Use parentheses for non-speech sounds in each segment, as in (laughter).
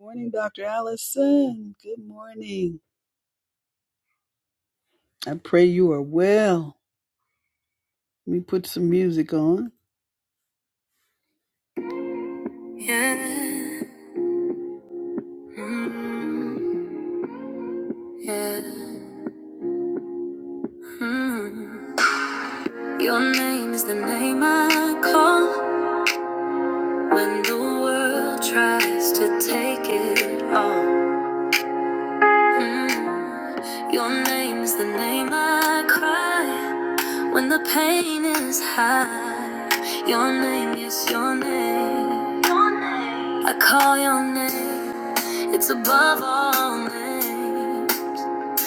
Morning, Dr. Allison. Good morning. I pray you are well. Let me put some music on. Yeah. Mm, yeah. Mm. Your name the name I call when the world tries to take it all. Mm. Your name the name I cry when the pain is high. Your name is your name. I call your name. It's above all names.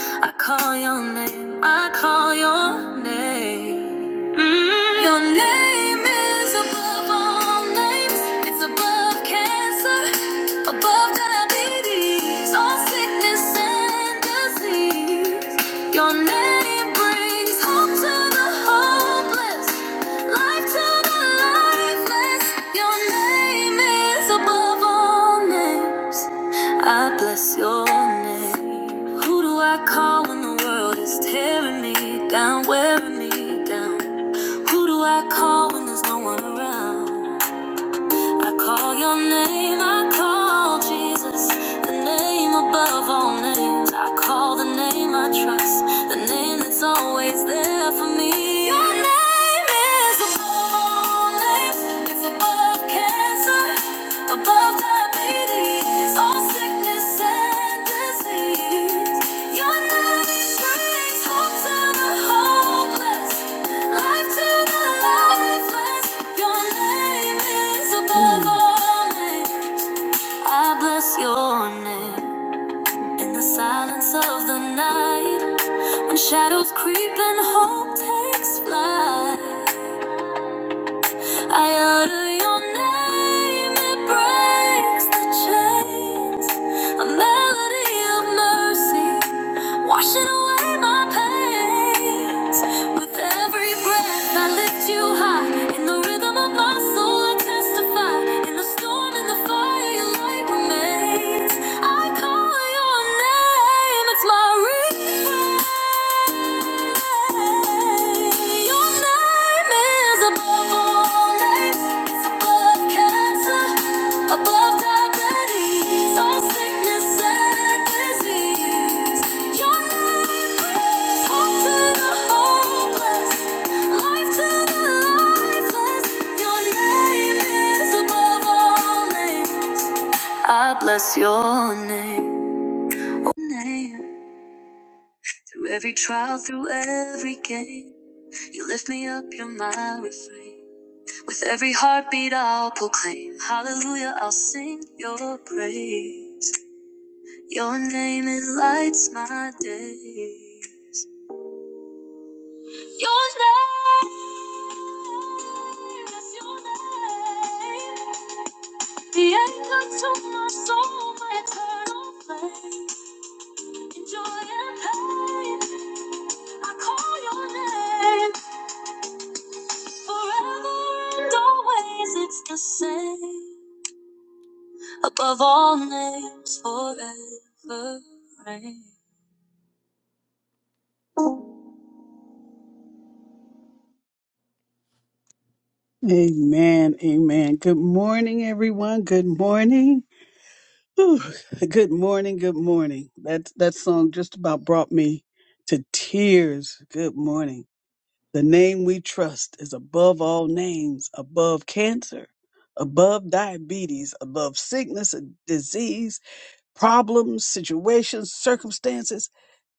I call your name. I call your name. Mm, Your name is above all names. It's above cancer, above diabetes, all sickness and disease. Your name brings hope to the hopeless, life to the lifeless. Your name is above all names. I bless your name. Who do I call when the world is tearing me down, wearing me down? Who do I call when there's no one around? I call your name, I call Jesus, the name above all names. I call the name I trust, the name that's always there for me. Your name is the only name. it's above cancer. Above diabetes, all sickness and disease. Your love brings hope to the hopeless, life to the lifeless. Your name is above all names. I bless your name in the silence of the night. When shadows creep and hope takes flight. I utter your name, it breaks the chains. A melody of mercy, washing away my pains. With every breath, I lift you high. In the rhythm of my soul, I testify. In the storm, in the fire, your light remains. I call your name, it's my refrain. I Bless your name. Through every trial, through every game, you lift me up, you're my refrain. With every heartbeat, I'll proclaim, Hallelujah, I'll sing your praise. Your name, it lights my days. Your name, yes, your name. The anchor to my soul, my eternal flame. In joy and pain, I call your name. Forever and always it's the same. Above all names, forever reign. Amen. Amen. Good morning, everyone. Good morning. Whew. Good morning. Good morning. That that song just about brought me to tears. Good morning. The name we trust is above all names, above cancer, above diabetes, above sickness and disease, problems, situations, circumstances.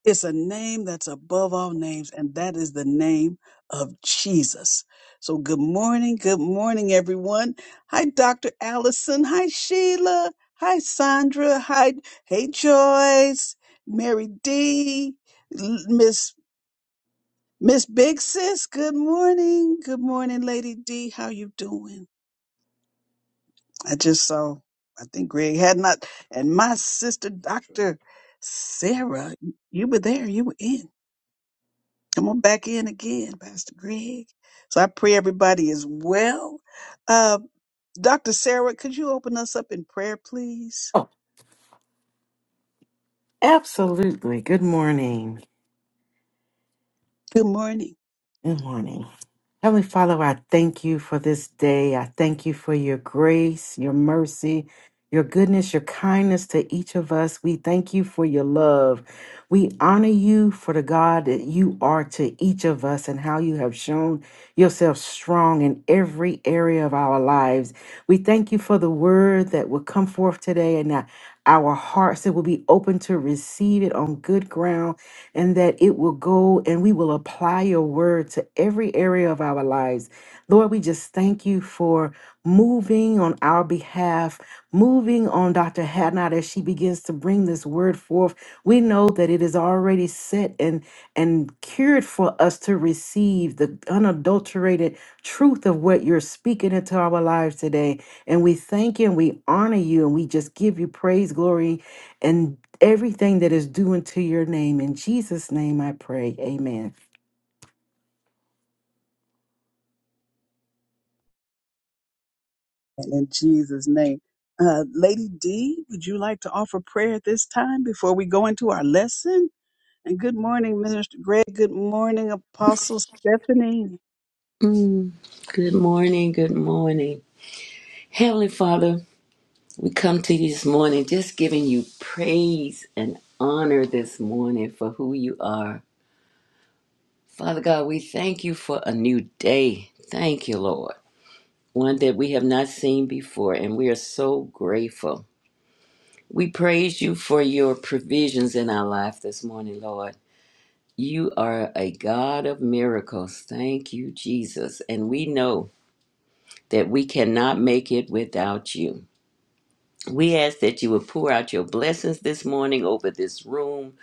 It's a name that's above all names, and that is the name of Jesus. So, good morning. Good morning, everyone. Hi, Dr. Allison. Hi, Sheila. Hi, Sandra. Hi, hey, Joyce. Mary D. L- Miss Miss Big Sis. Good morning. Good morning, Lady D. How you doing? I just saw. I think Greg had not, and my sister, Dr. Sarah, you were there. You were in. Come on back in again, Pastor Greg. So I pray everybody is well. Uh, Dr. Sarah, could you open us up in prayer, please? Oh, absolutely. Good morning. Good morning. Good morning. Heavenly Father, I thank you for this day. I thank you for your grace, your mercy, your goodness, your kindness to each of us. We thank you for your love. We honor you for the God that you are to each of us and how you have shown yourself strong in every area of our lives. We thank you for the word that will come forth today and that our hearts that will be open to receive it on good ground and that it will go and we will apply your word to every area of our lives. Lord, we just thank you for moving on our behalf, moving on Dr. Hadnot as she begins to bring this word forth. We know that it is already set and and cured for us to receive the unadulterated truth of what you're speaking into our lives today. And we thank you and we honor you and we just give you praise, glory, and everything that is due unto your name. In Jesus' name I pray. Amen. And in Jesus' name. Uh, Lady D, would you like to offer prayer at this time before we go into our lesson? And good morning, Minister Greg. Good morning, Apostle Stephanie. Mm, Good morning. Good morning. Heavenly Father, we come to you this morning just giving you praise and honor this morning for who you are. Father God, we thank you for a new day. Thank you, Lord. One that we have not seen before, and we are so grateful. We praise you for your provisions in our life this morning, Lord. You are a God of miracles. Thank you, Jesus. And we know that we cannot make it without you. We ask that you would pour out your blessings this morning over this room,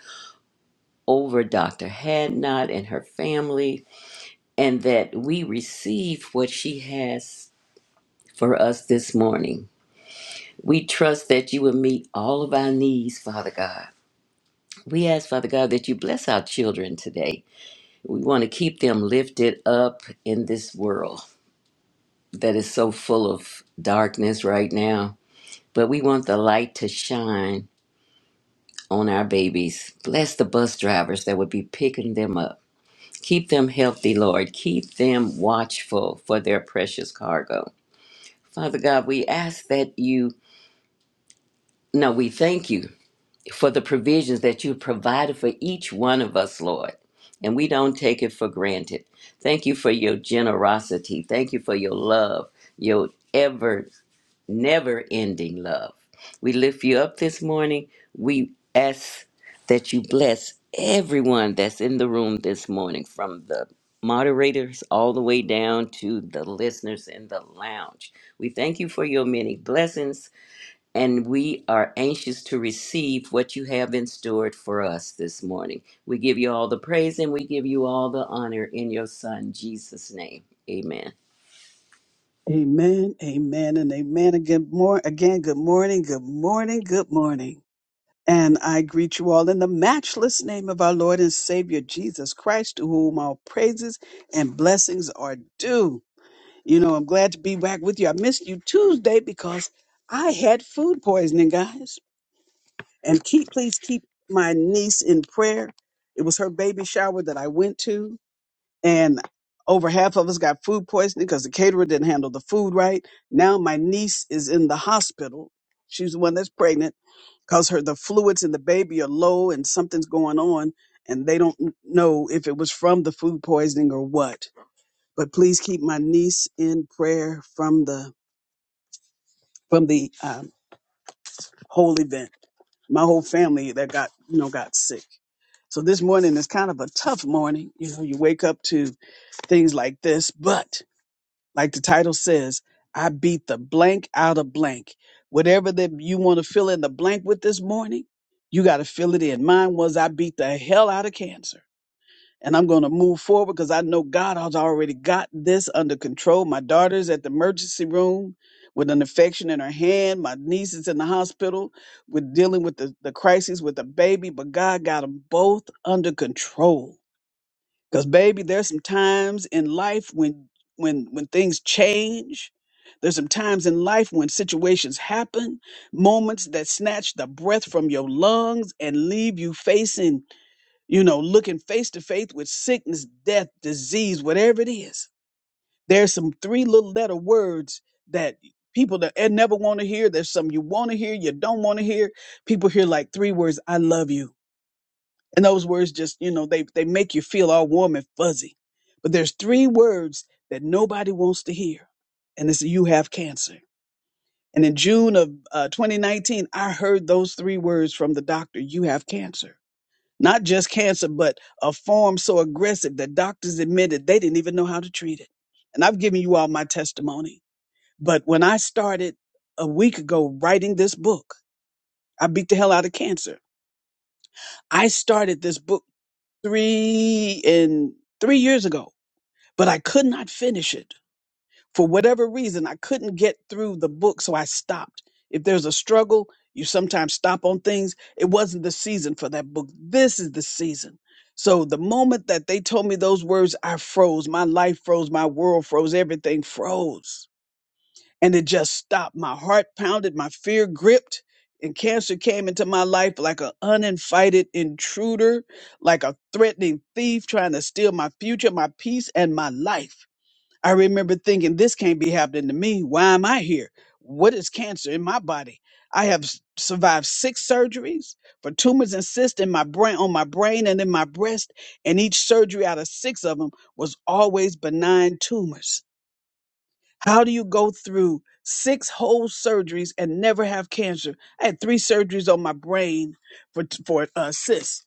over Dr. Hadnot and her family, and that we receive what she has for us this morning. We trust that you will meet all of our needs, Father God. We ask, Father God, that you bless our children today. We want to keep them lifted up in this world that is so full of darkness right now. But we want the light to shine on our babies. Bless the bus drivers that would be picking them up. Keep them healthy, Lord. Keep them watchful for their precious cargo. Father God, we ask that you, no, we thank you for the provisions that you provided for each one of us, Lord. And we don't take it for granted. Thank you for your generosity. Thank you for your love, your ever never ending love. We lift you up this morning. We ask that you bless everyone that's in the room this morning, from the moderators all the way down to the listeners in the lounge. We thank you for your many blessings, and we are anxious to receive what you have in store for us this morning. We give you all the praise and we give you all the honor in your Son, Jesus' name. Amen. Amen, amen, and amen. again. More again, good morning, good morning, good morning. And I greet you all in the matchless name of our Lord and Savior Jesus Christ, to whom all praises and blessings are due. You know, I'm glad to be back with you. I missed you Tuesday because I had food poisoning, guys. And keep, please keep my niece in prayer. It was her baby shower that I went to and over half of us got food poisoning because the caterer didn't handle the food right. Now my niece is in the hospital. She's the one that's pregnant because her the fluids in the baby are low and something's going on, and they don't n- know if it was from the food poisoning or what. But please keep my niece in prayer from the from the um, whole event. My whole family that got you know got sick. So this morning is kind of a tough morning. You know, you wake up to things like this, but Like the title says, I beat the blank out of blank. Whatever that you want to fill in the blank with this morning, you got to fill it in. Mine was I beat the hell out of cancer. And I'm going to move forward because I know God has already got this under control. My daughter's at the emergency room with an infection in her hand. My niece is in the hospital with dealing with the, the crisis with the baby, but God got them both under control. Cause baby, there's some times in life when when when things change. There's some times in life when situations happen, moments that snatch the breath from your lungs and leave you facing, you know, looking face to face with sickness, death, disease, whatever it is. There's some three little letter words that people that eh, never want to hear. There's some you want to hear, you don't want to hear. People hear like three words, I love you. And those words just, you know, they, they make you feel all warm and fuzzy. But there's three words that nobody wants to hear. And it's you have cancer. And in June of uh, 2019, I heard those three words from the doctor, you have cancer. Not just cancer, but a form so aggressive that doctors admitted they didn't even know how to treat it. And I've given you all my testimony. But when I started a week ago writing this book, I beat the hell out of cancer. I started this book three and three years ago, but I could not finish it for whatever reason. I couldn't get through the book, so I stopped. If there's a struggle, you sometimes stop on things. It wasn't the season for that book. This is the season. So the moment that they told me those words, I froze. My life froze. My world froze. Everything froze and it just stopped. My heart pounded, my fear gripped, and cancer came into my life like an uninvited intruder, like a threatening thief trying to steal my future, my peace, and my life. I remember thinking, this can't be happening to me. Why am I here? What is cancer in my body? I have s- survived six surgeries for tumors and cysts in my brain, on my brain, and in my breast, and each surgery out of six of them was always benign tumors. How do you go through six whole surgeries and never have cancer? I had three surgeries on my brain for for uh, cysts,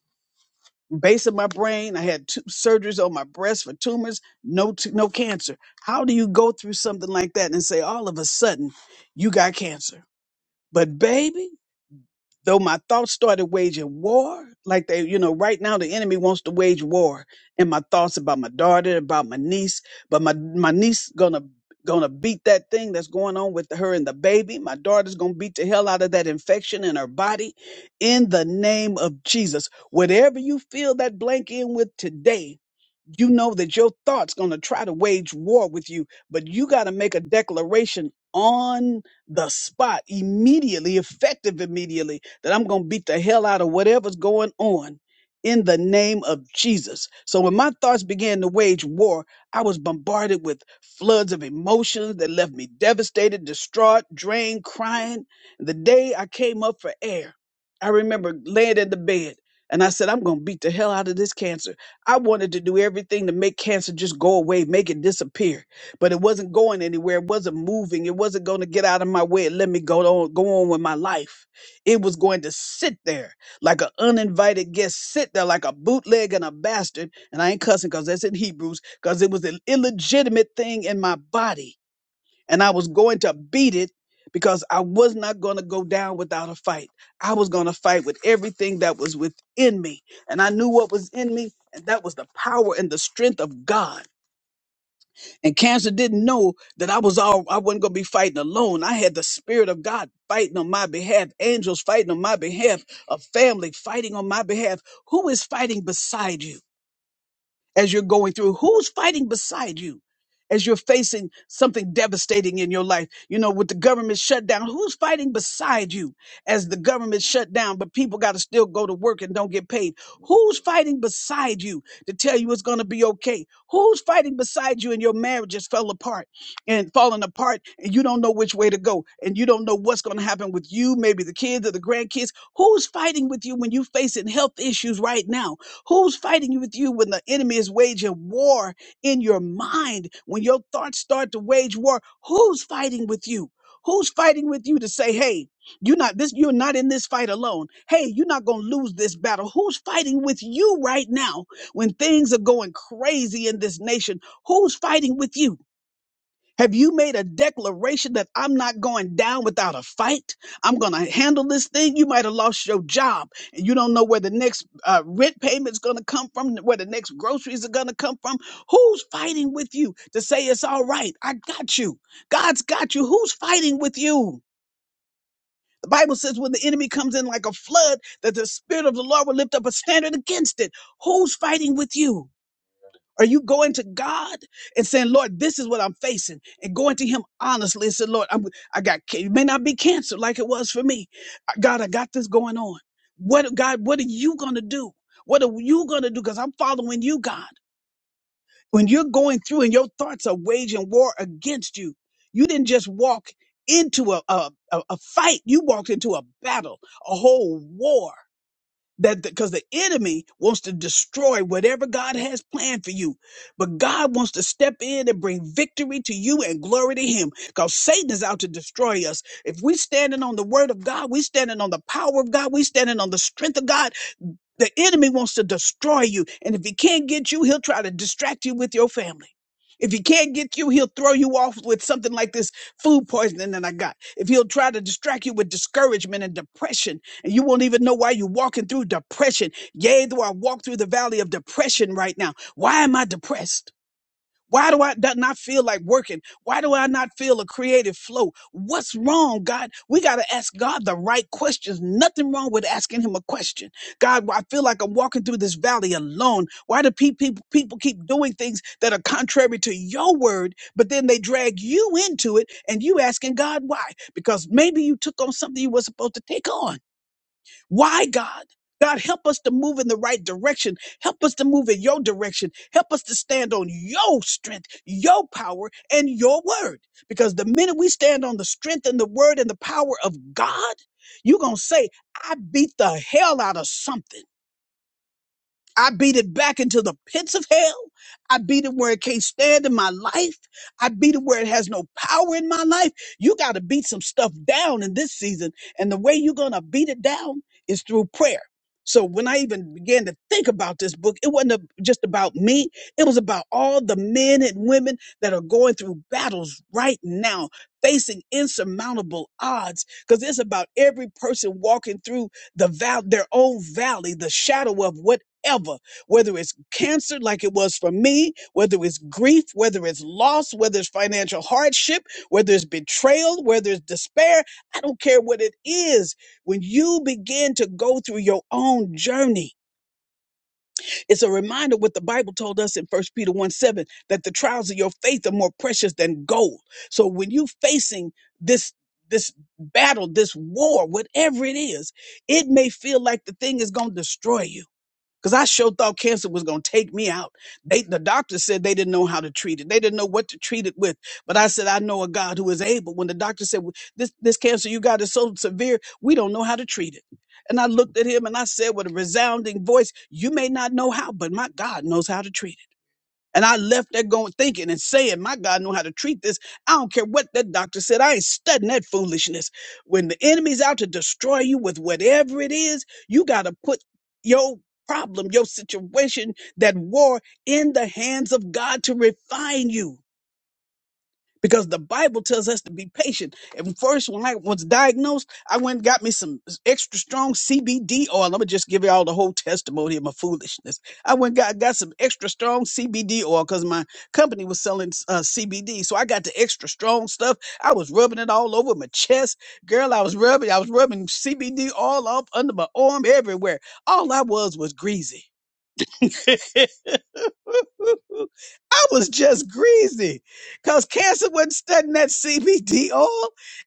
base of my brain. I had two surgeries on my breast for tumors, no t- no cancer. How do you go through something like that and say all of a sudden you got cancer? But baby though my thoughts started waging war, like they, you know, right now the enemy wants to wage war in my thoughts about my daughter, about my niece, but my my niece gonna gonna beat that thing that's going on with her and the baby. My daughter's gonna beat the hell out of that infection in her body. In the name of Jesus, whatever you fill that blank in with today, you know that your thoughts going to try to wage war with you but you got to make a declaration on the spot immediately, effective immediately, that I'm going to beat the hell out of whatever's going on in the name of Jesus. So when my thoughts began to wage war, I was bombarded with floods of emotions that left me devastated, distraught, drained, crying. The day I came up for air, I remember laying in the bed and I said, I'm going to beat the hell out of this cancer. I wanted to do everything to make cancer just go away, make it disappear but it wasn't going anywhere. It wasn't moving. It wasn't going to get out of my way and let me go on, go on with my life. It was going to sit there like an uninvited guest, sit there like a bootleg and a bastard. And I ain't cussing because that's in Hebrews, because it was an illegitimate thing in my body. And I was going to beat it because I was not going to go down without a fight. I was going to fight with everything that was within me. And I knew what was in me, and that was the power and the strength of God. And cancer didn't know that I was all I wasn't gonna be fighting alone. I had the spirit of God fighting on my behalf, angels fighting on my behalf, a family fighting on my behalf. Who is fighting beside you? as you're going through? Who's fighting beside you as you're facing something devastating in your life? You know, with the government shutdown, who's fighting beside you as the government shut down, but people got to still go to work and don't get paid? Who's fighting beside you to tell you it's going to be okay? Who's fighting beside you and your marriages fell apart and falling apart and you don't know which way to go and you don't know what's going to happen with you, maybe the kids or the grandkids? Who's fighting with you when you're facing health issues right now? Who's fighting with you when the enemy is waging war in your mind? When your thoughts start to wage war, who's fighting with you? Who's fighting with you to say, hey, you're not this, you're not in this fight alone. Hey, you're not gonna lose this battle. Who's fighting with you right now when things are going crazy in this nation? Who's fighting with you? Have you made a declaration that I'm not going down without a fight? I'm going to handle this thing. You might have lost your job and you don't know where the next uh, rent payment's going to come from, where the next groceries are going to come from. Who's fighting with you to say it's all right? I got you. God's got you. Who's fighting with you? The Bible says when the enemy comes in like a flood, that the spirit of the Lord will lift up a standard against it. Who's fighting with you? Are you going to God and saying, Lord, this is what I'm facing, and going to Him honestly and say, Lord, I'm, I got ca- it may not be cancer like it was for me. God, I got this going on. What God, what are you going to do? What are you going to do? Because I'm following you, God. When you're going through and your thoughts are waging war against you, you didn't just walk into a a, a a fight. You walked into a battle, a whole war that because the enemy wants to destroy whatever God has planned for you. But God wants to step in and bring victory to you and glory to him because Satan is out to destroy us. If we standing on the word of God, we standing on the power of God, we standing on the strength of God. The enemy wants to destroy you. And if he can't get you, he'll try to distract you with your family. If he can't get you, he'll throw you off with something like this food poisoning that I got. If he'll try to distract you with discouragement and depression, and you won't even know why you're walking through depression. Yea, though I walk through the valley of depression right now. Why am I depressed? Why do I do- not feel like working? Why do I not feel a creative flow? What's wrong, God? We got to ask God the right questions. Nothing wrong with asking Him a question. God, I feel like I'm walking through this valley alone. Why do pe- people, people keep doing things that are contrary to your word, but then they drag you into it and you asking God why? Because maybe you took on something you were supposed to take on. Why, God? God, help us to move in the right direction. Help us to move in your direction. Help us to stand on your strength, your power, and your word. Because the minute we stand on the strength and the word and the power of God, you're going to say, I beat the hell out of something. I beat it back into the pits of hell. I beat it where it can't stand in my life. I beat it where it has no power in my life. You got to beat some stuff down in this season. And the way you're going to beat it down is through prayer. So when I even began to think about this book, it wasn't a- just about me. It was about all the men and women that are going through battles right now, facing insurmountable odds. Because it's about every person walking through the val- their own valley, the shadow of what ever, whether it's cancer like it was for me, whether it's grief, whether it's loss, whether it's financial hardship, whether it's betrayal, whether it's despair. I don't care what it is. When you begin to go through your own journey, it's a reminder what the Bible told us in First Peter 1 7 that the trials of your faith are more precious than gold. So when you facing this, this battle, this war, whatever it is, it may feel like the thing is going to destroy you Cause I sure thought cancer was gonna take me out. They the doctor said they didn't know how to treat it. They didn't know what to treat it with. But I said, I know a God who is able. When the doctor said "Well, this this cancer you got is so severe, we don't know how to treat it. And I looked at him and I said with a resounding voice, You may not know how, but my God knows how to treat it. And I left there going thinking and saying, My God know how to treat this. I don't care what that doctor said. I ain't studying that foolishness. When the enemy's out to destroy you with whatever it is, you gotta put your problem, your situation, that war in the hands of God to refine you because the Bible tells us to be patient. And first, when I was diagnosed, I went and got me some extra strong CBD oil. I'm gonna just give y'all the whole testimony of my foolishness. I went and got, got some extra strong CBD oil because my company was selling uh, CBD, so I got the extra strong stuff. I was rubbing it all over my chest, girl. I was rubbing, I was rubbing CBD all up under my arm, everywhere. All I was was greasy. (laughs) I was just greasy because cancer wasn't studying that CBD oil.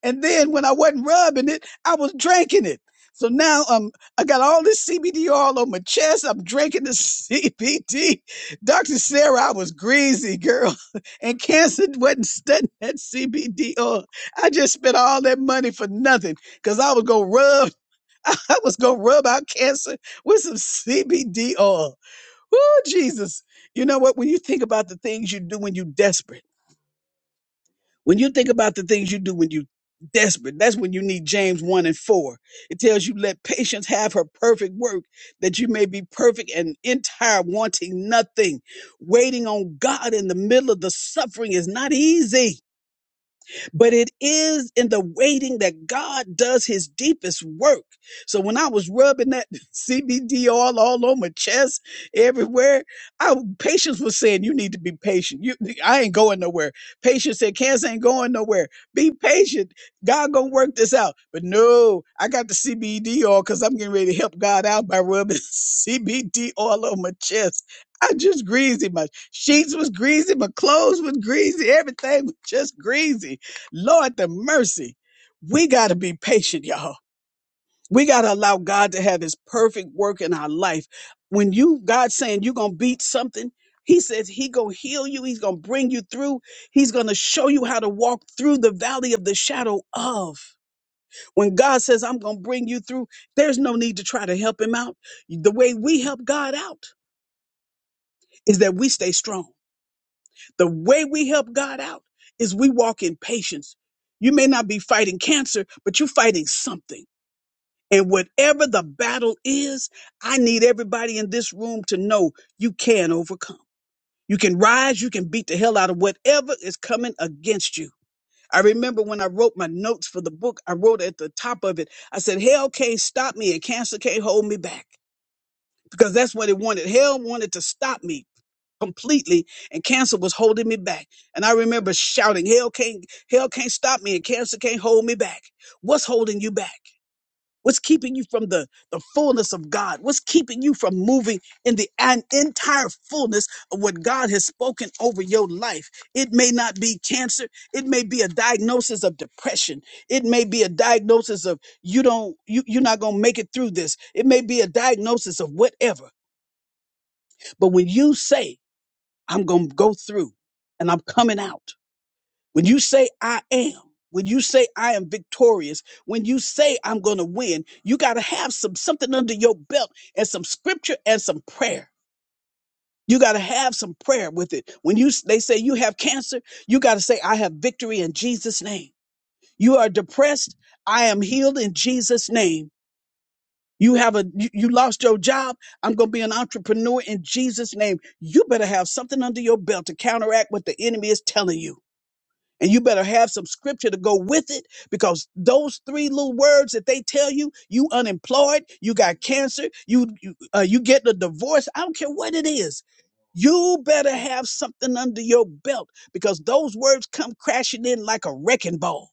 And then when I wasn't rubbing it, I was drinking it. So now um, I got all this CBD oil on my chest. I'm drinking the (laughs) CBD. Dr. Sarah, I was greasy, girl. (laughs) And cancer wasn't studying that CBD oil. I just spent all that money for nothing because I was going to rub. (laughs) I was going to rub out cancer with some CBD oil. Oh, Jesus. You know what? When you think about the things you do when you're desperate, when you think about the things you do when you desperate, that's when you need James 1 and 4. It tells you, let patience have her perfect work, that you may be perfect and entire, wanting nothing. Waiting on God in the middle of the suffering is not easy but it is in the waiting that God does his deepest work. So when I was rubbing that (laughs) CBD all, all on my chest, everywhere, I patience was saying, you need to be patient. You, I ain't going nowhere. Patience said, cancer ain't going nowhere. Be patient. God gonna work this out. But no, I got the CBD all because I'm getting ready to help God out by rubbing (laughs) CBD all on my chest. I just greasy. My sheets was greasy. My clothes was greasy. Everything was just greasy. Lord, the mercy. We got to be patient, y'all. We got to allow God to have his perfect work in our life. When you, God's saying you're going to beat something, he says he going to heal you. He's going to bring you through. He's going to show you how to walk through the valley of the shadow of. When God says, I'm going to bring you through, there's no need to try to help him out. The way we help God out is that we stay strong The way we help God out is we walk in patience. You may not be fighting cancer, but you're fighting something. And whatever the battle is, I need everybody in this room to know you can overcome. You can rise, you can beat the hell out of whatever is coming against you. I remember when I wrote my notes for the book, I wrote at the top of it, I said, Hell can't stop me and cancer can't hold me back. Because that's what it wanted. Hell wanted to stop me completely and cancer was holding me back. And I remember shouting, hell can't, hell can't stop me and cancer can't hold me back. What's holding you back? What's keeping you from the, the fullness of God? What's keeping you from moving in the an entire fullness of what God has spoken over your life? It may not be cancer. It may be a diagnosis of depression. It may be a diagnosis of you don't, you, you're not going to make it through this. It may be a diagnosis of whatever. But when you say I'm going to go through and I'm coming out. When you say I am, when you say I am victorious, when you say I'm going to win, you got to have some something under your belt and some scripture and some prayer. You got to have some prayer with it. When you s- they say you have cancer, you got to say I have victory in Jesus name. You are depressed, I am healed in Jesus name. You have a you you lost your job, I'm going to be an entrepreneur in Jesus name. You better have something under your belt to counteract what the enemy is telling you. And you better have some scripture to go with it because those three little words that they tell you, you unemployed, you got cancer, you you, uh, you get a divorce, I don't care what it is. You better have something under your belt because those words come crashing in like a wrecking ball.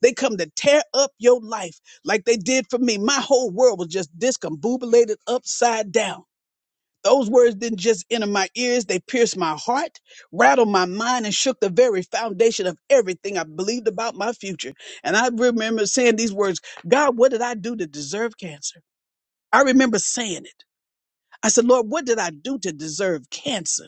They come to tear up your life like they did for me. My whole world was just discombobulated upside down. Those words didn't just enter my ears, they pierced my heart, rattled my mind, and shook the very foundation of everything I believed about my future. And I remember saying these words God, what did I do to deserve cancer? I remember saying it. I said, Lord, what did I do to deserve cancer?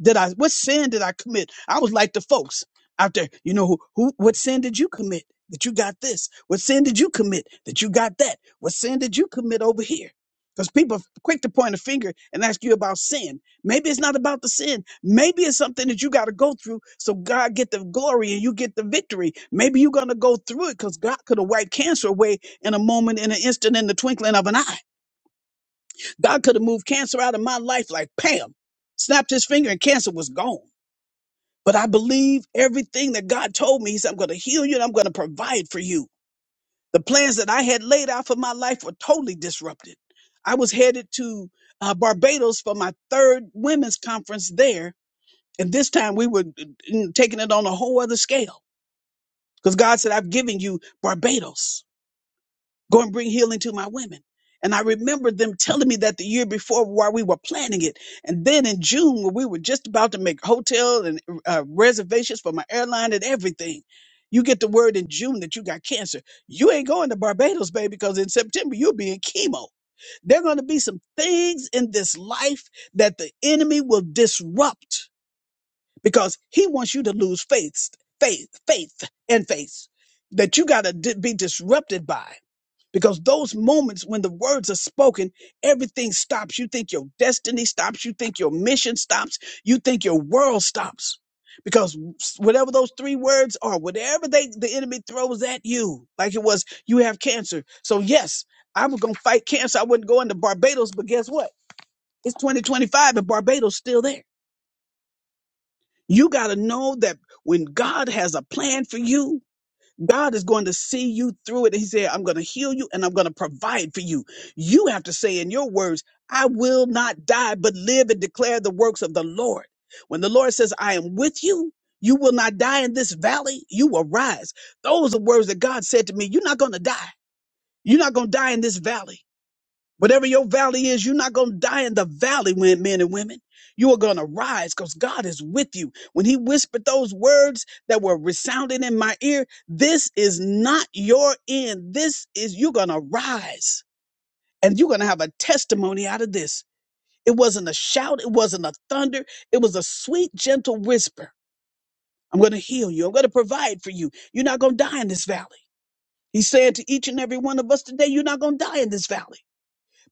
did I what sin did I commit? I was like the folks out there, you know, who, who what sin did you commit that you got this? What sin did you commit that you got that? What sin did you commit over here? Because people are quick to point a finger and ask you about sin. Maybe it's not about the sin. Maybe it's something that you got to go through so God get the glory and you get the victory. Maybe you're gonna go through it because God could have wiped cancer away in a moment, in an instant, in the twinkling of an eye. God could have moved cancer out of my life like Pam, snapped his finger and cancer was gone. But I believe everything that God told me. He said, I'm going to heal you and I'm going to provide for you. The plans that I had laid out for my life were totally disrupted. I was headed to uh, Barbados for my third women's conference there. And this time we were mm, taking it on a whole other scale because God said, I've given you Barbados go and bring healing to my women. And I remember them telling me that the year before while we were planning it. And then in June, when we were just about to make hotel and uh, reservations for my airline and everything, you get the word in June that you got cancer. You ain't going to Barbados, baby, because in September you'll be in chemo. There are going to be some things in this life that the enemy will disrupt because he wants you to lose faith, faith, faith, and faith that you got to be disrupted by. Because those moments when the words are spoken, everything stops. You think your destiny stops. You think your mission stops. You think your world stops. Because whatever those three words are, whatever they, the enemy throws at you, like it was, you have cancer. So yes, I was going to fight cancer. I wouldn't go into Barbados, but guess what? It's 2025 and Barbados still there. You got to know that when God has a plan for you, God is going to see you through it. He said, I'm going to heal you and I'm going to provide for you. You have to say in your words, I will not die, but live and declare the works of the Lord. When the Lord says, I am with you, you will not die in this valley, you will rise. Those are words that God said to me. You're not going to die. You're not going to die in this valley. Whatever your valley is, you're not going to die in the valley, when men and women. You are going to rise because God is with you. When He whispered those words that were resounding in my ear, this is not your end. This is, you're going to rise and you're going to have a testimony out of this. It wasn't a shout, it wasn't a thunder, it was a sweet, gentle whisper. I'm going to heal you. I'm going to provide for you. You're not going to die in this valley. He's saying to each and every one of us today, you're not going to die in this valley.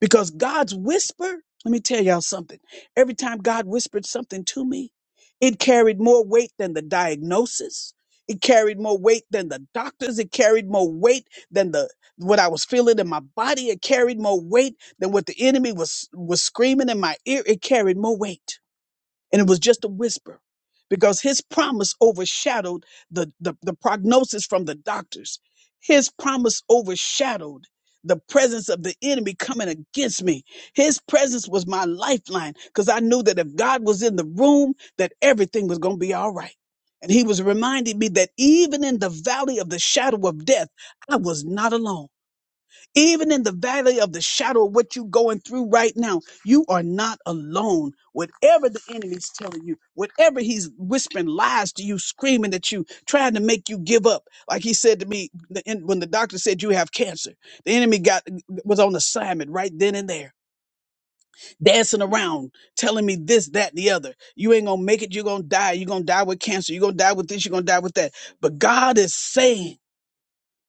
Because God's whisper, let me tell y'all something. Every time God whispered something to me, it carried more weight than the diagnosis. It carried more weight than the doctors. It carried more weight than the what I was feeling in my body. It carried more weight than what the enemy was was screaming in my ear. It carried more weight. And it was just a whisper because his promise overshadowed the, the, the prognosis from the doctors. His promise overshadowed the presence of the enemy coming against me. His presence was my lifeline because I knew that if God was in the room, that everything was going to be all right. And he was reminding me that even in the valley of the shadow of death, I was not alone even in the valley of the shadow of what you're going through right now, you are not alone. Whatever the enemy's telling you, whatever he's whispering lies to you, screaming at you, trying to make you give up. Like he said to me the- in- when the doctor said you have cancer, the enemy got was on assignment right then and there, dancing around, telling me this, that, and the other. You ain't gonna make it. You're gonna die. You're gonna die with cancer. You're gonna die with this. You're gonna die with that. But God is saying.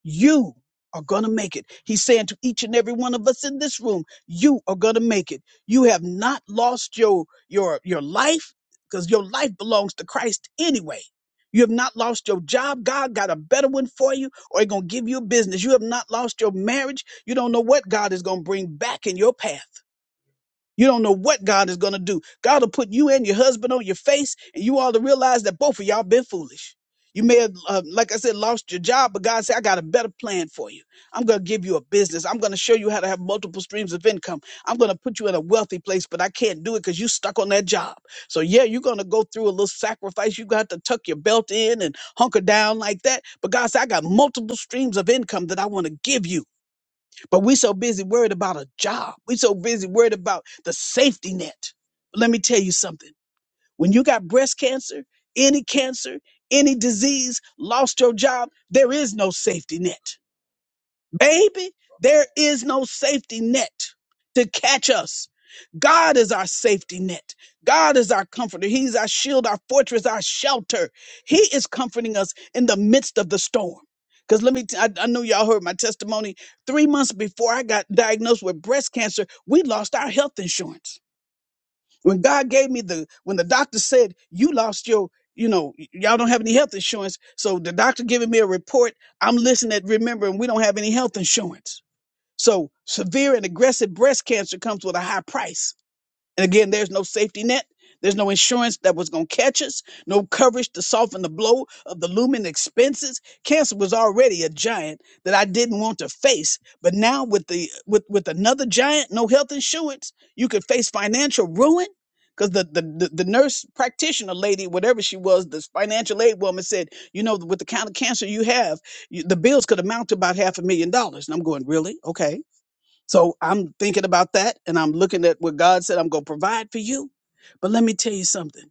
You are going to make it. He's saying to each and every one of us in this room, you are going to make it. You have not lost your your your life because your life belongs to Christ anyway. You have not lost your job. God got a better one for you or he's going to give you a business. You have not lost your marriage. You don't know what God is going to bring back in your path. You don't know what God is going to do. God will put you and your husband on your face, and you all to realize that both of y'all been foolish. You may have, uh, like I said, lost your job, but God said, I got a better plan for you. I'm going to give you a business. I'm going to show you how to have multiple streams of income. I'm going to put you in a wealthy place, but I can't do it because you stuck on that job. So, yeah, you're going to go through a little sacrifice. You got to tuck your belt in and hunker down like that. But God said, I got multiple streams of income that I want to give you. But we so busy worried about a job. We so busy worried about the safety net. But let me tell you something. When you got breast cancer, any cancer, any disease, lost your job, there is no safety net. Baby, there is no safety net to catch us. God is our safety net. God is our comforter. He's our shield, our fortress, our shelter. He is comforting us in the midst of the storm. Because let me, t- I I know y'all heard my testimony. Three months before I got diagnosed with breast cancer, we lost our health insurance. When God gave me the, when the doctor said, you lost your, you know, y- y'all don't have any health insurance. So the doctor giving me a report, I'm listening, remembering we don't have any health insurance. So severe and aggressive breast cancer comes with a high price. And again, there's no safety net. There's no insurance that was going to catch us, no coverage to soften the blow of the looming expenses. Cancer was already a giant that I didn't want to face, but now with the with with another giant, no health insurance, you could face financial ruin because the, the the the nurse practitioner lady, whatever she was, this financial aid woman said, you know, with the kind of cancer you have, you, the bills could amount to about half a million dollars. And I'm going, really? Okay so I'm thinking about that and I'm looking at what God said I'm going to provide for you. But let me tell you something.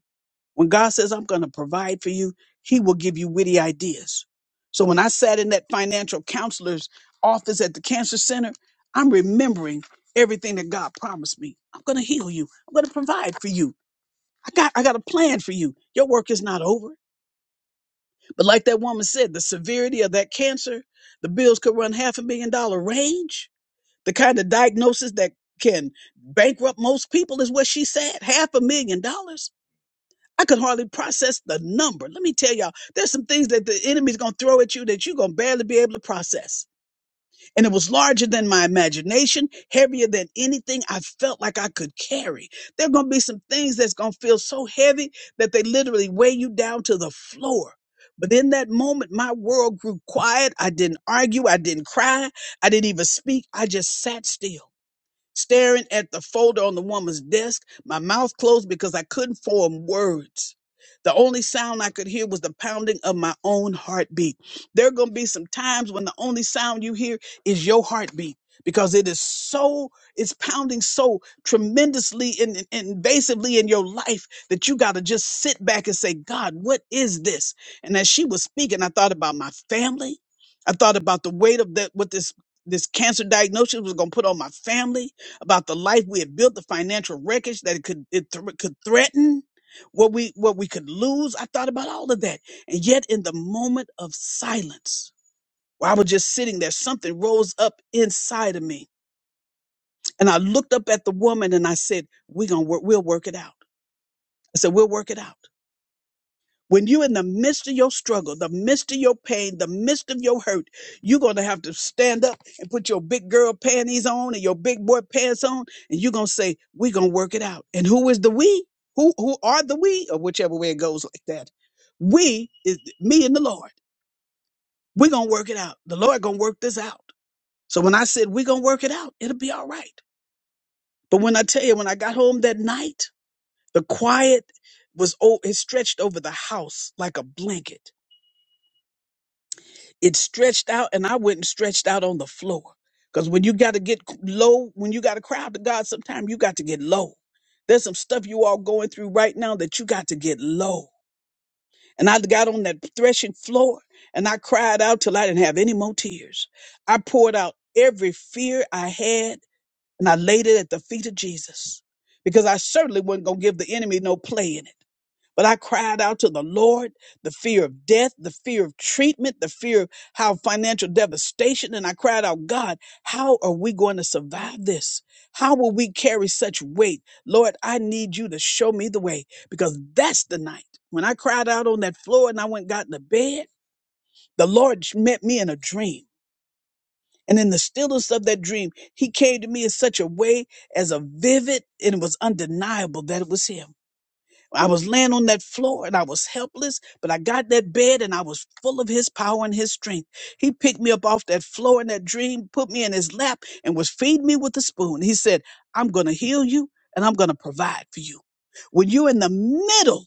When God says I'm going to provide for you, he will give you witty ideas. So when I sat in that financial counselor's office at the cancer center, I'm remembering everything that God promised me. I'm going to heal you. I'm going to provide for you. I got I got a plan for you. Your work is not over. But like that woman said, the severity of that cancer, the bills could run half a million dollar range the kind of diagnosis that can bankrupt most people is what she said half a million dollars. I could hardly process the number. Let me tell y'all, there's some things that the enemy's gonna throw at you that you're gonna barely be able to process. And it was larger than my imagination, heavier than anything I felt like I could carry. There are gonna be some things that's gonna feel so heavy that they literally weigh you down to the floor. But in that moment, my world grew quiet. I didn't argue. I didn't cry. I didn't even speak. I just sat still staring at the folder on the woman's desk, my mouth closed because I couldn't form words. The only sound I could hear was the pounding of my own heartbeat. There are going to be some times when the only sound you hear is your heartbeat because it is so, it's pounding so tremendously and, and and invasively in your life that you got to just sit back and say, God, what is this? And as she was speaking, I thought about my family. I thought about the weight of that, what this, this cancer diagnosis was going to put on my family about the life we had built, the financial wreckage that it could it th- could threaten, what we what we could lose. I thought about all of that, and yet in the moment of silence, where I was just sitting there, something rose up inside of me, and I looked up at the woman and I said, "We're gonna work. We'll work it out." I said, "We'll work it out." When you're in the midst of your struggle, the midst of your pain, the midst of your hurt, you're going to have to stand up and put your big girl panties on and your big boy pants on, and you're going to say, We're going to work it out. And who is the we? Who, who are the we? Or whichever way it goes like that. We is me and the Lord. We're going to work it out. The Lord going to work this out. So when I said, We're going to work it out, it'll be all right. But when I tell you, when I got home that night, the quiet was, oh, it stretched over the house like a blanket it stretched out and I went and stretched out on the floor. Cause when you got to get low, when you got to cry out to God, sometimes you got to get low. There's some stuff you all going through right now that you got to get low. And I got on that threshing floor and I cried out till I didn't have any more tears. I poured out every fear I had and I laid it at the feet of Jesus because I certainly wasn't going to give the enemy no play in it. But I cried out to the Lord, the fear of death, the fear of treatment, the fear of how financial devastation. And I cried out, God, how are we going to survive this? How will we carry such weight? Lord, I need you to show me the way because that's the night when I cried out on that floor and I went, and got in the bed. The Lord met me in a dream. And in the stillness of that dream, he came to me in such a way as a vivid and it was undeniable that it was him. I was laying on that floor and I was helpless, but I got that bed and I was full of his power and his strength. He picked me up off that floor in that dream, put me in his lap, and was feeding me with a spoon. He said, I'm going to heal you and I'm going to provide for you. When you're in the middle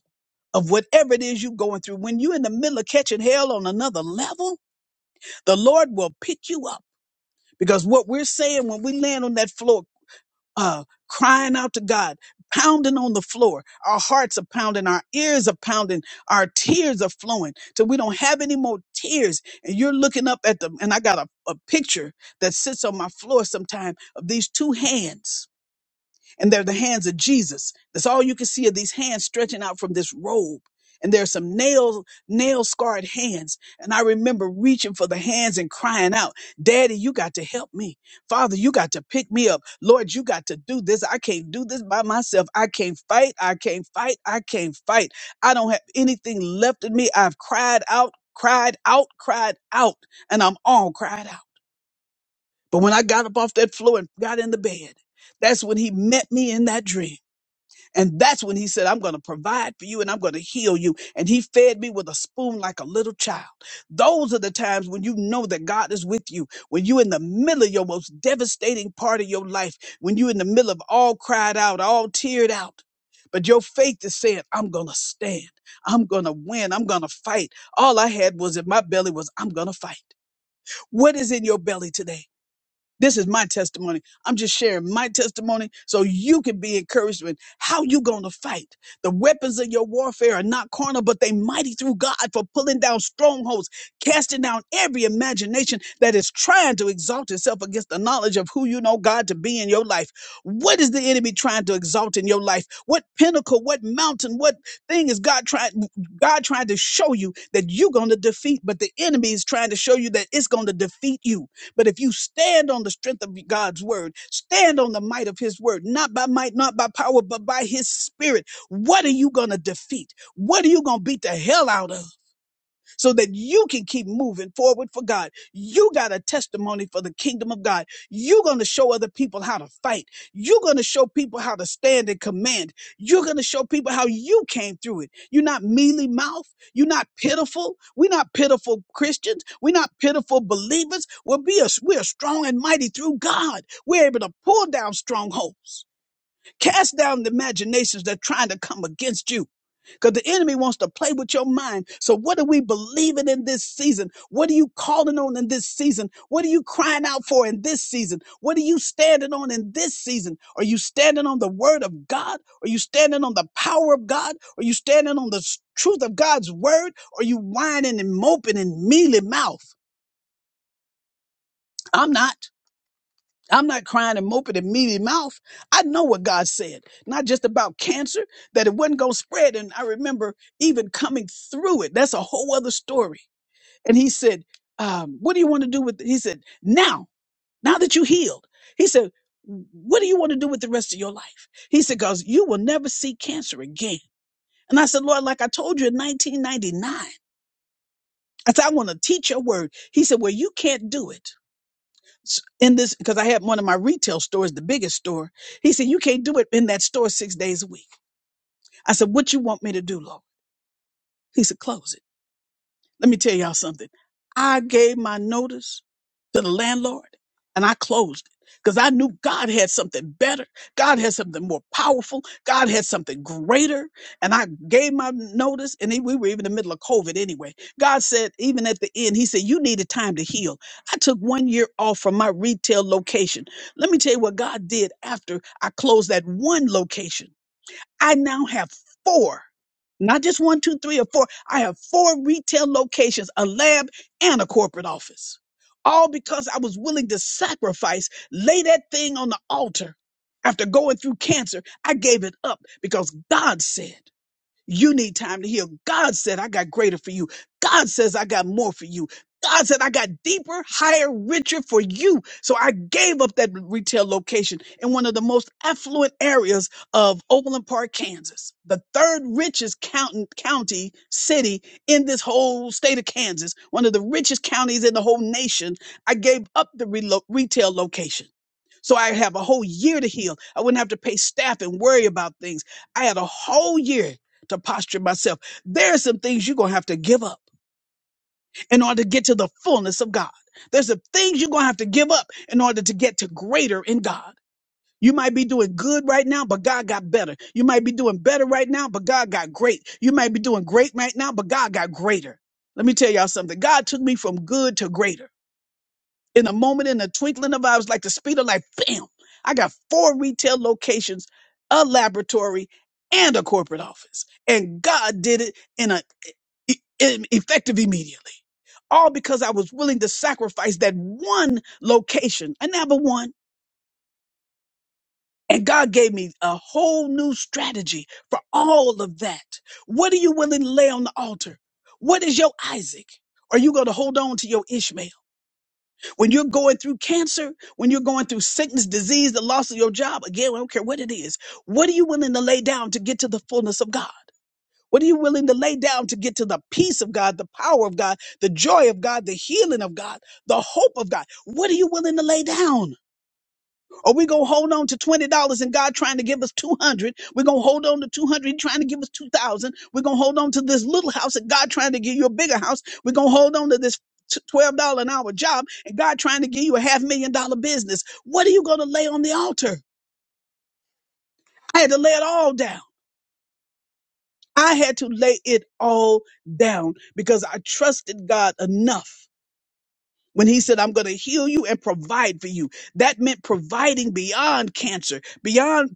of whatever it is you're going through, when you're in the middle of catching hell on another level, the Lord will pick you up. Because what we're saying when we land on that floor uh, crying out to God, pounding on the floor. Our hearts are pounding, our ears are pounding, our tears are flowing till we don't have any more tears. And you're looking up at them. And I got a, a picture that sits on my floor sometime of these two hands and they're the hands of Jesus. That's all you can see of these hands stretching out from this robe. And there's some nail, nail scarred hands. And I remember reaching for the hands and crying out, Daddy, you got to help me. Father, you got to pick me up. Lord, you got to do this. I can't do this by myself. I can't fight. I can't fight. I can't fight. I don't have anything left in me. I've cried out, cried out, cried out, and I'm all cried out. But when I got up off that floor and got in the bed, that's when he met me in that dream. And that's when he said, I'm going to provide for you and I'm going to heal you. And he fed me with a spoon like a little child. Those are the times when you know that God is with you, when you're in the middle of your most devastating part of your life, when you're in the middle of all cried out, all teared out. But your faith is saying, I'm going to stand. I'm going to win. I'm going to fight. All I had was in my belly was, I'm going to fight. What is in your belly today? This is my testimony. I'm just sharing my testimony so you can be encouraged with how you going to fight. The weapons of your warfare are not carnal, but they mighty through God for pulling down strongholds, casting down every imagination that is trying to exalt itself against the knowledge of who you know God to be in your life. What is the enemy trying to exalt in your life? What pinnacle, what mountain, what thing is God trying God trying to show you that you're going to defeat, but the enemy is trying to show you that it's going to defeat you. But if you stand on the strength of God's word, stand on the might of his word, not by might, not by power, but by his spirit, what are you going to defeat? What are you going to beat the hell out of? so that you can keep moving forward for God. You got a testimony for the kingdom of God. You're going to show other people how to fight. You're going to show people how to stand and command. You're going to show people how you came through it. You're not mealy mouth. You're not pitiful. We're not pitiful Christians. We're not pitiful believers. We're, be a, we're strong and mighty through God. We're able to pull down strongholds, cast down the imaginations that are trying to come against you because the enemy wants to play with your mind. So, what are we believing in this season? What are you calling on in this season? What are you crying out for in this season? What are you standing on in this season? Are you standing on the word of God? Are you standing on the power of God? Are you standing on the s- truth of God's word? Are you whining and moping and mealy mouth? I'm not. I'm not crying and moping and meaty mouth. I know what God said, not just about cancer, that it wasn't going to spread. And I remember even coming through it. That's a whole other story. And he said, um, What do you want to do with it? He said, Now, now that you healed, he said, What do you want to do with the rest of your life? He said, Because you will never see cancer again. And I said, Lord, like I told you in 1999, I said, I want to teach your word. He said, Well, you can't do it s- in this because I had one of my retail stores, the biggest store. He said, You can't do it in that store six days a week. I said, What you want me to do, Lord? He said, Close it. Let me tell y'all something. I gave my notice to the landlord and I closed it because I knew God had something better. God had something more powerful. God had something greater. And I gave my notice and then we were even in the middle of COVID anyway. God said, even at the end, He said, You needed time to heal. I took one year off from my retail location. Let me tell you what God did after I closed that one location. I now have four, not just one, two, three, or four. I have four retail locations, a lab, and a corporate office, all because I was willing to sacrifice, lay that thing on the altar. After going through cancer, I gave it up because God said. You need time to heal. God said, I got greater for you. God says, I got more for you. God said, I got deeper, higher, richer for you. So I gave up that retail location in one of the most affluent areas of Overland Park, Kansas, the third richest count- county city in this whole state of Kansas, one of the richest counties in the whole nation. I gave up the relo- retail location. So I have a whole year to heal. I wouldn't have to pay staff and worry about things. I had a whole year to posture myself. There are some things you're going to have to give up in order to get to the fullness of God. There's some things you're going to have to give up in order to get to greater in God. You might be doing good right now, but God got better. You might be doing better right now, but God got great. You might be doing great right now, but God got greater. Let me tell y'all something. God took me from good to greater in a moment, in a twinkling of eyes, like the speed of light, bam, I got four retail locations, a laboratory, and a corporate office. And God did it in a e- e- effective immediately. All because I was willing to sacrifice that one location, another one. And God gave me a whole new strategy for all of that. What are you willing to lay on the altar? What is your Isaac? Are you going to hold on to your Ishmael? When you're going through cancer, when you're going through sickness, disease, the loss of your job, again, I don't care what it is, what are you willing to lay down to get to the fullness of God? What are you willing to lay down to get to the peace of God, the power of God, the joy of God, the healing of God, the hope of God? What are you willing to lay down? Or we gonna hold on to twenty dollars and God trying to give us two hundred. We're gonna hold on to two hundred, He trying to give us two thousand. We're gonna hold on to this little house and God trying to give you a bigger house. We're gonna hold on to this t- twelve dollar an hour job and God trying to give you a half million dollar business. What are you gonna lay on the altar? I had to lay it all down. I had to lay it all down because I trusted God enough. When he said, I'm going to heal you and provide for you, that meant providing beyond cancer, beyond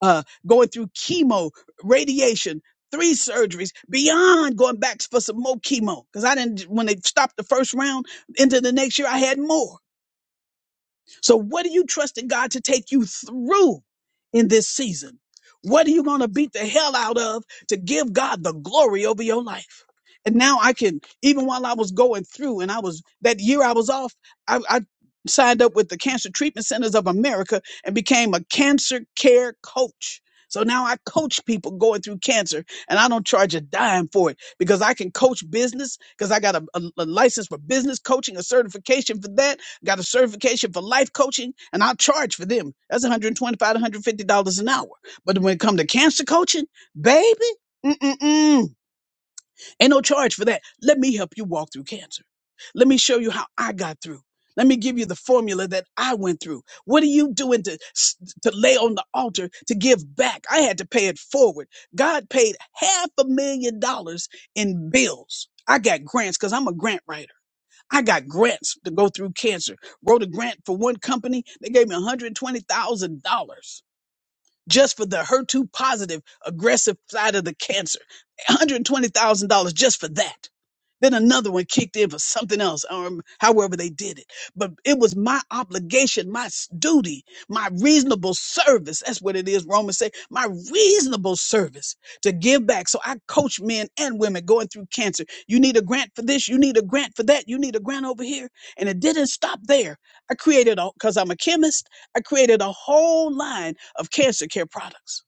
uh, going through chemo, radiation, three surgeries, beyond going back for some more chemo. Because I didn't, when they stopped the first round into the next year, I had more. So, what are you trusting God to take you through in this season? What are you going to beat the hell out of to give God the glory over your life? And now I can, even while I was going through and I was, that year I was off, I, I signed up with the Cancer Treatment Centers of America and became a cancer care coach. So now I coach people going through cancer and I don't charge a dime for it because I can coach business because I got a, a a license for business coaching, a certification for that got a certification for life coaching, and I'll charge for them. That's $125 to $150 an hour. But when it come to cancer coaching, baby, mm-mm-mm, ain't no charge for that. Let me help you walk through cancer. Let me show you how I got through. Let me give you the formula that I went through. What are you doing to, s- to lay on the altar to give back? I had to pay it forward. God paid half a million dollars in bills. I got grants because I'm a grant writer. I got grants to go through cancer. Wrote a grant for one company. They gave me $120,000 just for the HER2 positive aggressive side of the cancer. $120,000 just for that. Then another one kicked in for something else, um, however they did it. But it was my obligation, my s- duty, my reasonable service. That's what it is, Romans say, my reasonable service to give back. So I coach men and women going through cancer. You need a grant for this, you need a grant for that, you need a grant over here. And it didn't stop there. I created because I'm a chemist, I created a whole line of cancer care products.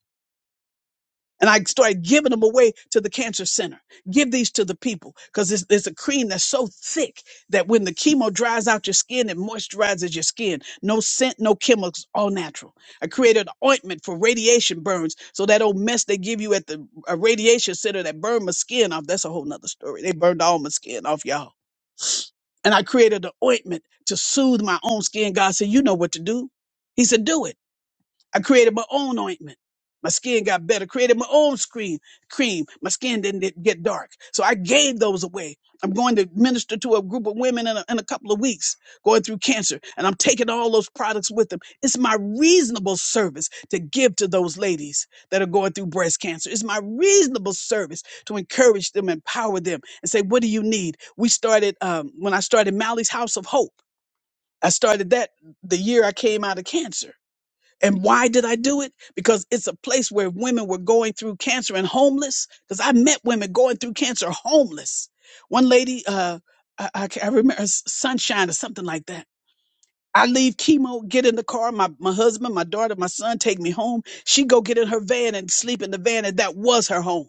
And I started giving them away to the cancer center. Give these to the people because it's there's a cream that's so thick that when the chemo dries out your skin, it moisturizes your skin. No scent, no chemicals, all natural. I created an ointment for radiation burns. So that old mess they give you at the uh, radiation center that burned my skin off, that's a whole nother story. They burned all my skin off, y'all. And I created an ointment to soothe my own skin. God said, You know what to do. He said, Do it. I created my own ointment. My skin got better. Created my own screen cream. My skin didn't get get dark. So I gave those away. I'm going to minister to a group of women in a, in a couple of weeks going through cancer, and I'm taking all those products with them. It's my reasonable service to give to those ladies that are going through breast cancer. It's my reasonable service to encourage them, empower them, and say, What do you need? We started, um, when I started Mally's House of Hope, I started that the year I came out of cancer and why did I do it? Because it's a place where women were going through cancer and homeless. Because I met women going through cancer homeless. One lady, uh, I, I, ca- I remember S- Sunshine or something like that. I leave chemo, get in the car. My, my husband, my daughter, my son take me home. She go get in her van and sleep in the van, and that was her home.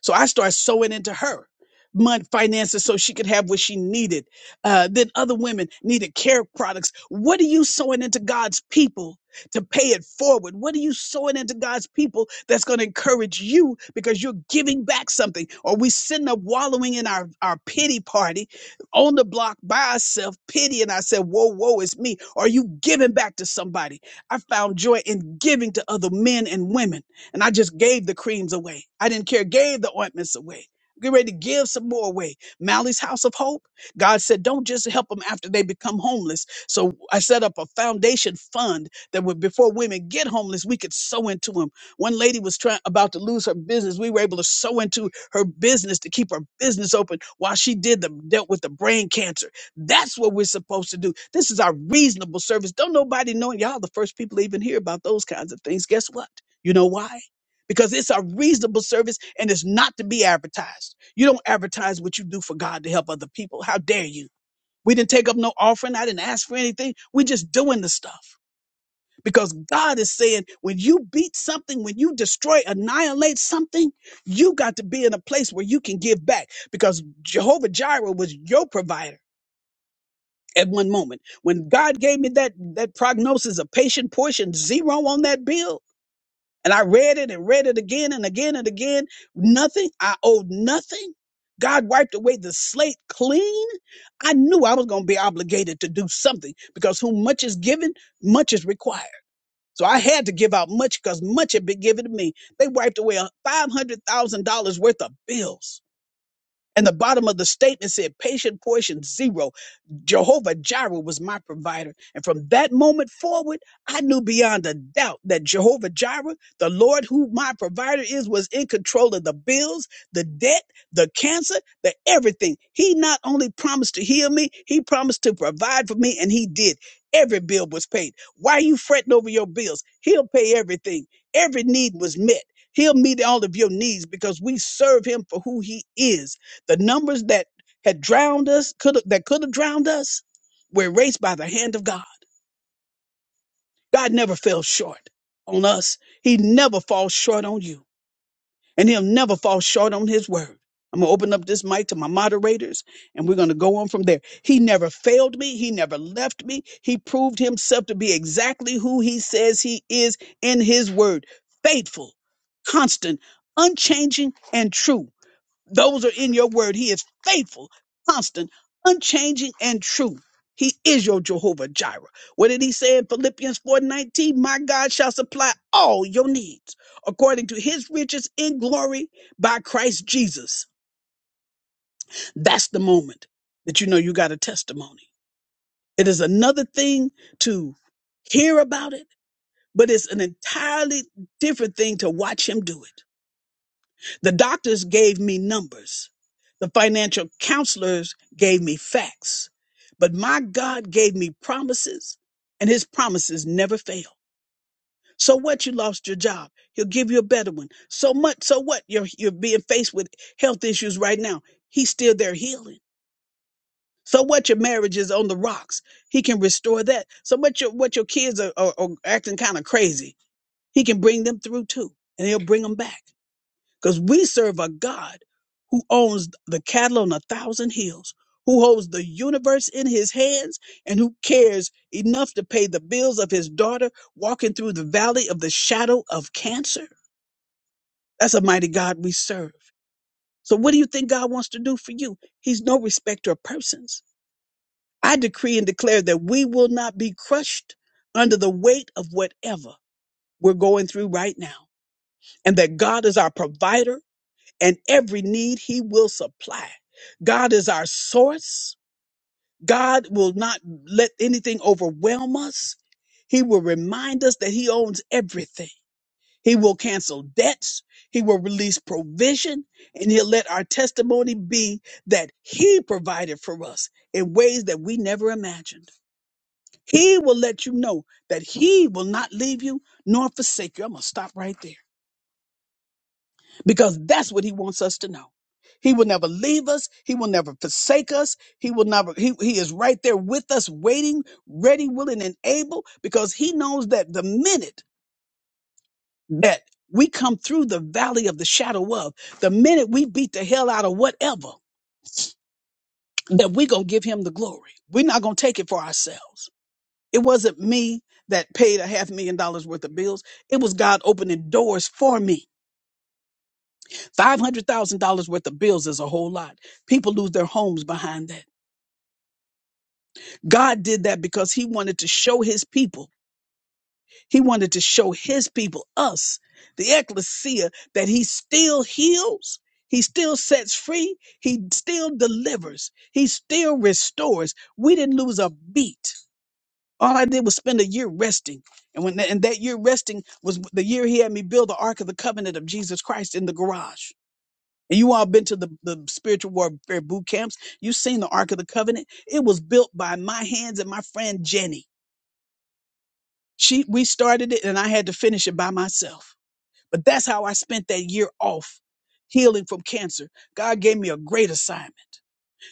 So I started sewing into her money finances so she could have what she needed. Uh, then other women needed care products. What are you sewing into God's people to pay it forward? What are you sewing into God's people that's going to encourage you because you're giving back something? Or we sitting up wallowing in our, our pity party on the block by ourselves, pitying ourselves, whoa, whoa, it's me. Are you giving back to somebody? I found joy in giving to other men and women. And I just gave the creams away. I didn't care, gave the ointments away. Get ready to give some more away. Mally's House of Hope. God said, don't just help them after they become homeless. So I set up a foundation fund that would, before women get homeless, we could sow into them. One lady was trying about to lose her business. We were able to sow into her business to keep her business open while she did the dealt with the brain cancer. That's what we're supposed to do. This is our reasonable service. Don't nobody know. Y'all the first people to even hear about those kinds of things. Guess what? You know why? because it's a reasonable service and it's not to be advertised. You don't advertise what you do for God to help other people. How dare you? We didn't take up no offering. I didn't ask for anything. We're just doing the stuff because God is saying when you beat something, when you destroy, annihilate something, you got to be in a place where you can give back because Jehovah Jireh was your provider. At one moment, when God gave me that that prognosis, a patient portion, zero on that bill, and I read it and read it again and again and again. Nothing. I owed nothing. God wiped away the slate clean. I knew I was going to be obligated to do something because whom much is given, much is required. So I had to give out much because much had been given to me. They wiped away a $500,000 worth of bills. And the bottom of the statement said, patient portion zero. Jehovah Jireh was my provider. And from that moment forward, I knew beyond a doubt that Jehovah Jireh, the Lord who my provider is, was in control of the bills, the debt, the cancer, the everything. He not only promised to heal me, he promised to provide for me, and he did. Every bill was paid. Why are you fretting over your bills? He'll pay everything. Every need was met. He'll meet all of your needs because we serve him for who he is. The numbers that had drowned us, could that could have drowned us, were erased by the hand of God. God never fell short on us. He never falls short on you, and He'll never fall short on His word. I'm gonna open up this mic to my moderators, and we're gonna go on from there. He never failed me. He never left me. He proved Himself to be exactly who He says He is in His word, faithful, constant, unchanging, and true. Those are in your word. He is faithful, constant, unchanging, and true. He is your Jehovah Jireh. What did he say in Philippians 4:19? My God shall supply all your needs according to his riches in glory by Christ Jesus. That's the moment that you know you got a testimony. It is another thing to hear about it, but it's an entirely different thing to watch him do it. The doctors gave me numbers. The financial counselors gave me facts. But my God gave me promises, and his promises never fail. So what you lost your job? He'll give you a better one. So much, so what? You're you're being faced with health issues right now. He's still there healing. So what your marriage is on the rocks. He can restore that. So what your what your kids are, are, are acting kind of crazy. He can bring them through too. And he'll bring them back because we serve a God who owns the cattle on a thousand hills, who holds the universe in his hands, and who cares enough to pay the bills of his daughter walking through the valley of the shadow of cancer. That's a mighty God we serve. So, what do you think God wants to do for you? He's no respecter of persons. I decree and declare that we will not be crushed under the weight of whatever we're going through right now, and that God is our provider and every need he will supply. God is our source. God will not let anything overwhelm us. He will remind us that he owns everything. He will cancel debts. He will release provision and he'll let our testimony be that he provided for us in ways that we never imagined. He will let you know that he will not leave you nor forsake you. I'm going to stop right there. because that's what he wants us to know. He will never leave us. He will never forsake us. He will never, he, he is right there with us, waiting, ready, willing, and able, because he knows that the minute that we come through the valley of the shadow of, the minute we beat the hell out of whatever, that we going to give him the glory. We're not going to take it for ourselves. It wasn't me that paid a half million dollars worth of bills. It was God opening doors for me $500,000 worth of bills is a whole lot. People lose their homes behind that. God did that because he wanted to show his people. He wanted to show his people, us, the ecclesia, that he still heals. He still sets free. He still delivers. He still restores. We didn't lose a beat. All I did was spend a year resting. And when and that year resting was the year he had me build the Ark of the Covenant of Jesus Christ in the garage. And you all been to the, the spiritual warfare boot camps. You've seen the Ark of the Covenant. It was built by my hands and my friend Jenny. She we started it and I had to finish it by myself. But that's how I spent that year off healing from cancer. God gave me a great assignment.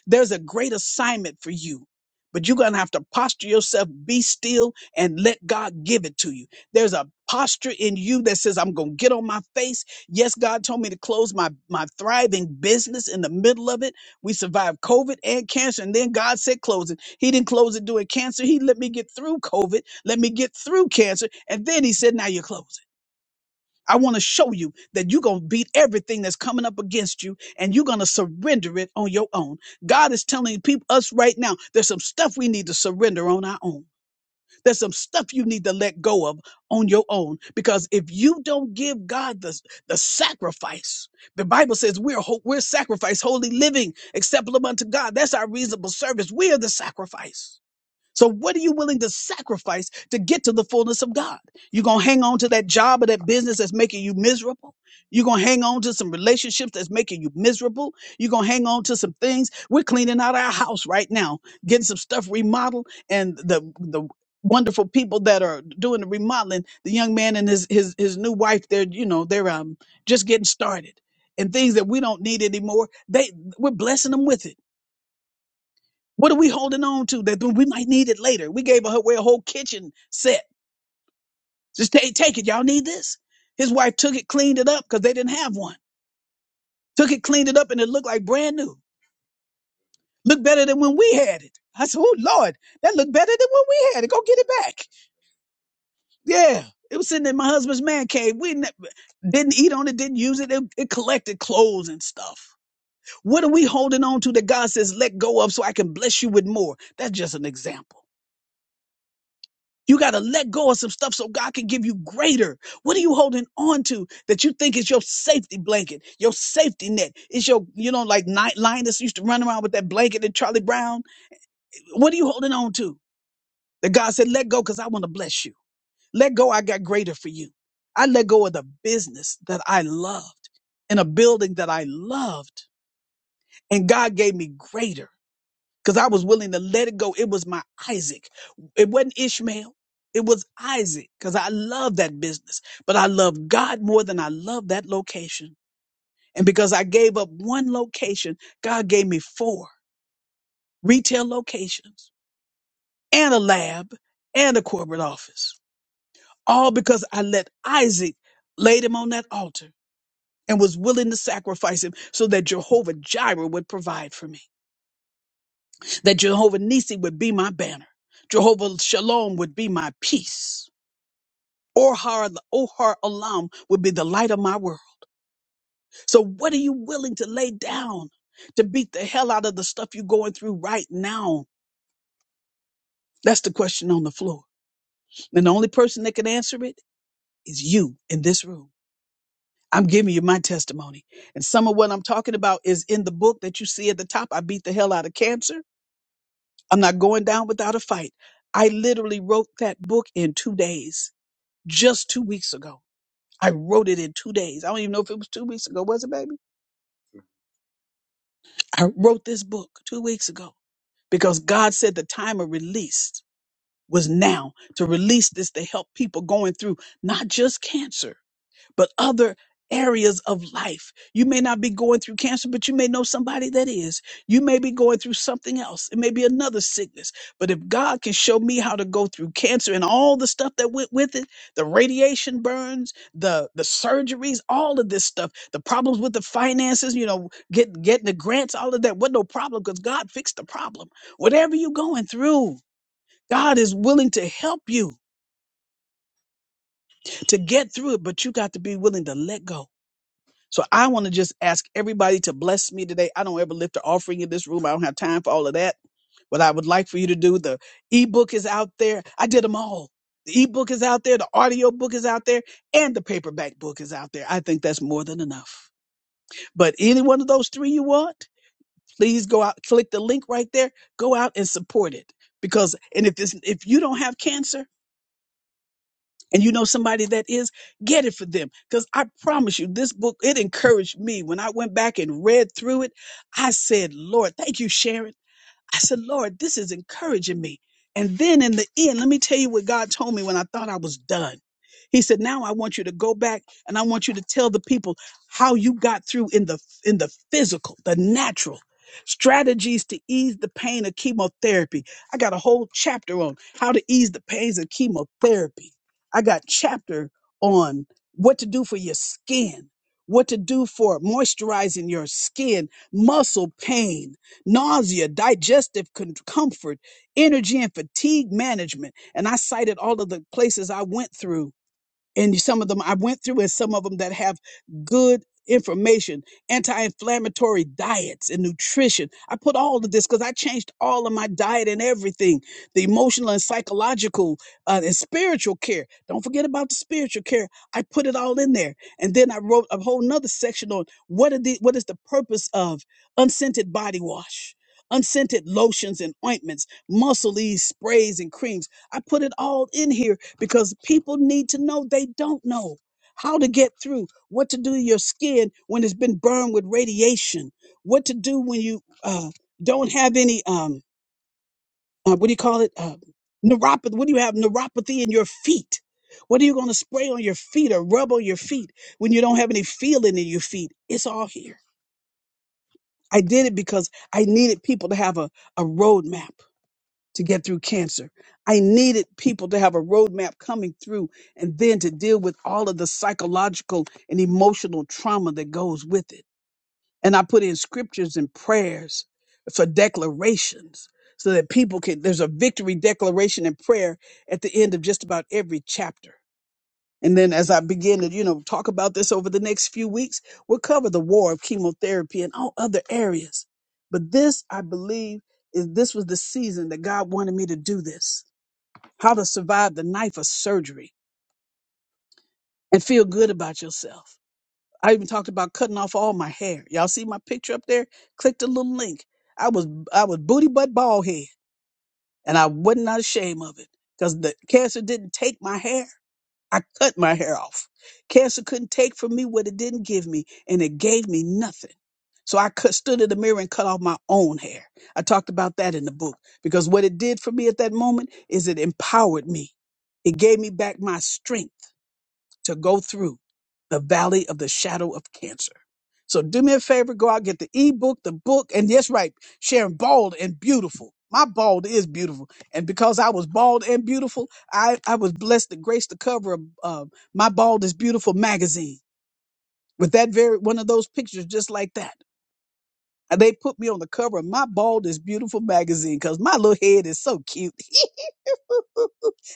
There's a great assignment for you, but you're going to have to posture yourself, be still, and let God give it to you. There's a posture in you that says, I'm going to get on my face. Yes, God told me to close my, my thriving business in the middle of it. We survived COVID and cancer, and then God said close it. He didn't close it during cancer. He let me get through COVID, let me get through cancer, and then He said, Now you're closing. I want to show you that you're going to beat everything that's coming up against you and you're going to surrender it on your own. God is telling people, us right now, there's some stuff we need to surrender on our own. There's some stuff you need to let go of on your own because if you don't give God the, the sacrifice, the Bible says we're ho- we're sacrifice, holy living, acceptable unto God. That's our reasonable service. We are the sacrifice. So what are you willing to sacrifice to get to the fullness of God? You're going to hang on to that job or that business that's making you miserable. You're going to hang on to some relationships that's making you miserable. You're going to hang on to some things. We're cleaning out our house right now, getting some stuff remodeled and the the wonderful people that are doing the remodeling, the young man and his his his new wife, they're you know, they're um just getting started. And things that we don't need anymore, they we're blessing them with it what are we holding on to that we might need it later? We gave her away a whole kitchen set. Just take, take it. Y'all need this. His wife took it, cleaned it up because they didn't have one. Took it, cleaned it up, and it looked like brand new. Looked better than when we had it. I said, "Oh Lord, that looked better than when we had it. Go get it back." Yeah, it was sitting in my husband's man cave. We ne- didn't eat on it, didn't use it. It, it collected clothes and stuff. What are we holding on to that God says, "Let go of, so I can bless you with more"? That's just an example. You got to let go of some stuff so God can give you greater. What are you holding on to that you think is your safety blanket, your safety net? It's your, you know, like night lioness used to run around with that blanket and Charlie Brown. What are you holding on to? That God said, let go because I want to bless you. Let go. I got greater for you. I let go of the business that I loved in a building that I loved and God gave me greater because I was willing to let it go. It was my Isaac. It wasn't Ishmael. It was Isaac because I love that business, but I love God more than I love that location. And because I gave up one location, God gave me four retail locations and a lab and a corporate office, all because I let Isaac laid him on that altar and was willing to sacrifice him so that Jehovah Jireh would provide for me. that Jehovah Nisi would be my banner. Jehovah Shalom would be my peace. Ohar, Ohar Olam would be the light of my world. So what are you willing to lay down to beat the hell out of the stuff you're going through right now? That's the question on the floor. And the only person that can answer it is you in this room. I'm giving you my testimony. And some of what I'm talking about is in the book that you see at the top. I beat the hell out of cancer. I'm not going down without a fight. I literally wrote that book in two days just two weeks ago. I wrote it in two days. I don't even know if it was two weeks ago, was it, baby? I wrote this book two weeks ago because God said the time of release was now to release this to help people going through not just cancer. but other areas of life. You may not be going through cancer, but you may know somebody that is. You may be going through something else. It may be another sickness. But if God can show me how to go through cancer and all the stuff that went with it, the radiation burns, the the surgeries, all of this stuff, the problems with the finances, you know, get, getting the grants, all of that, was no problem because God fixed the problem. Whatever you're going through, God is willing to help you to get through it, but you got to be willing to let go So I want to just ask everybody to bless me today. I don't ever lift an offering in this room. I don't have time for all of that. What I would like for you to do, the ebook is out there. I did them all. The ebook is out there, the audio book is out there, and the paperback book is out there. I think that's more than enough. But any one of those three you want, please go out, click the link right there, go out and support it. Because and if this if you don't have cancer, and you know somebody that is get it for them because i promise you this book it encouraged me when i went back and read through it i said lord thank you sharon I said, Lord, this is encouraging me. And then in the end, let me tell you what God told me when I thought I was done. He said, now I want you to go back and I want you to tell the people how you got through in the, in the physical, the natural strategies to ease the pain of chemotherapy. I got a whole chapter on how to ease the pains of chemotherapy. I got chapter on what to do for your skin, what to do for moisturizing your skin, muscle pain, nausea, digestive con- comfort, energy and fatigue management. And I cited all of the places I went through and some of them I went through, and some of them that have good information, anti-inflammatory diets and nutrition. I put all of this because I changed all of my diet and everything, the emotional and psychological uh, and spiritual care. Don't forget about the spiritual care. I put it all in there, and then I wrote a whole nother section on what are the what is the purpose of unscented body wash. Unscented lotions and ointments, muscle ease sprays and creams. I put it all in here because people need to know they don't know how to get through, what to do to your skin when it's been burned with radiation, what to do when you uh, don't have any, um, uh, what do you call it? Uh, neuropathy. What do you have? Neuropathy in your feet. What are you going to spray on your feet or rub on your feet when you don't have any feeling in your feet? It's all here. I did it because I needed people to have a, a roadmap to get through cancer. I needed people to have a roadmap coming through and then to deal with all of the psychological and emotional trauma that goes with it. And I put in scriptures and prayers for declarations so that people can, there's a victory declaration and prayer at the end of just about every chapter. And then as I begin to, you know, talk about this over the next few weeks, we'll cover the war of chemotherapy and all other areas. But this, I believe, is this was the season that God wanted me to do this. How to survive the knife of surgery and feel good about yourself. I even talked about cutting off all my hair. Y'all see my picture up there? Click the little link. I was I was booty butt bald head and I was not ashamed of it because the cancer didn't take my hair. I cut my hair off. Cancer couldn't take from me what it didn't give me, and it gave me nothing. So I cut, stood in the mirror and cut off my own hair. I talked about that in the book because what it did for me at that moment is it empowered me. It gave me back my strength to go through the valley of the shadow of cancer. So do me a favor, go out, get the ebook, the book, and yes, right, Sharon, bald and beautiful. My bald is beautiful. And because I was bald and beautiful, I, I was blessed to grace the cover of uh, my Bald is Beautiful magazine with that very one of those pictures just like that. And they put me on the cover of my bald is beautiful magazine because my little head is so cute. (laughs) I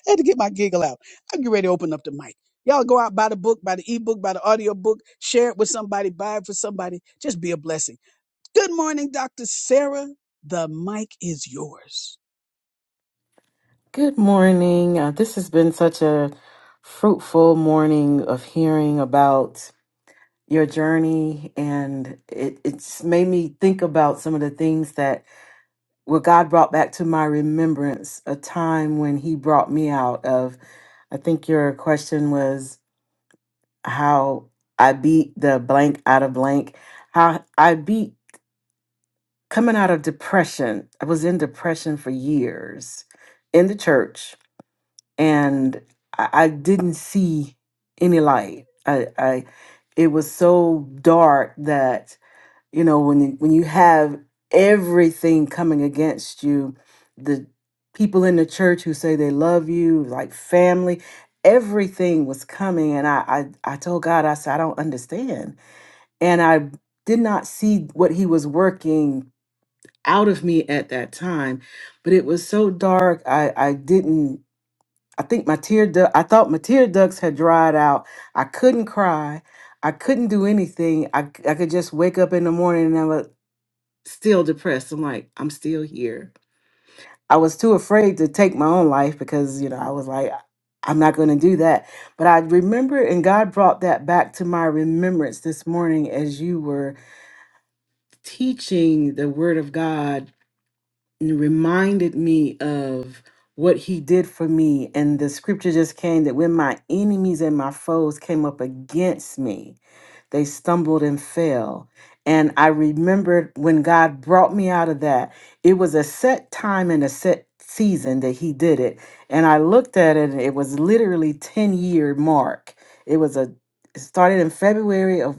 had to get my giggle out. I'm getting ready to open up the mic. Y'all go out, buy the book, buy the ebook, buy the audio book, share it with somebody, buy it for somebody. Just be a blessing. Good morning, Dr. Sarah. The mic is yours. Good morning. Uh, this has been such a fruitful morning of hearing about your journey, and it, it's made me think about some of the things that well, God brought back to my remembrance a time when He brought me out of. I think your question was how I beat the blank out of blank, how I beat coming out of depression. I was in depression for years in the church, and I, I didn't see any light. I, I, it was so dark that you know when you- when you have everything coming against you, the people in the church who say they love you, like family, everything was coming, and I, I, I told God, I said, I don't understand, and I did not see what He was working out of me at that time. But it was so dark, I, I didn't, I think my tear duct, I thought my tear ducts had dried out. I couldn't cry. I couldn't do anything. I, c- I could just wake up in the morning and I was still depressed. I'm like, I'm still here. I was too afraid to take my own life because, you know, I was like, I'm not going to do that. But I remember, and God brought that back to my remembrance this morning as you were teaching the Word of God and reminded me of what he did for me. And the scripture just came that when my enemies and my foes came up against me, they stumbled and fell. And I remembered when God brought me out of that, it was a set time and a set season that He did it. And I looked at it, and it was literally 10 year mark. It was a, it started in February of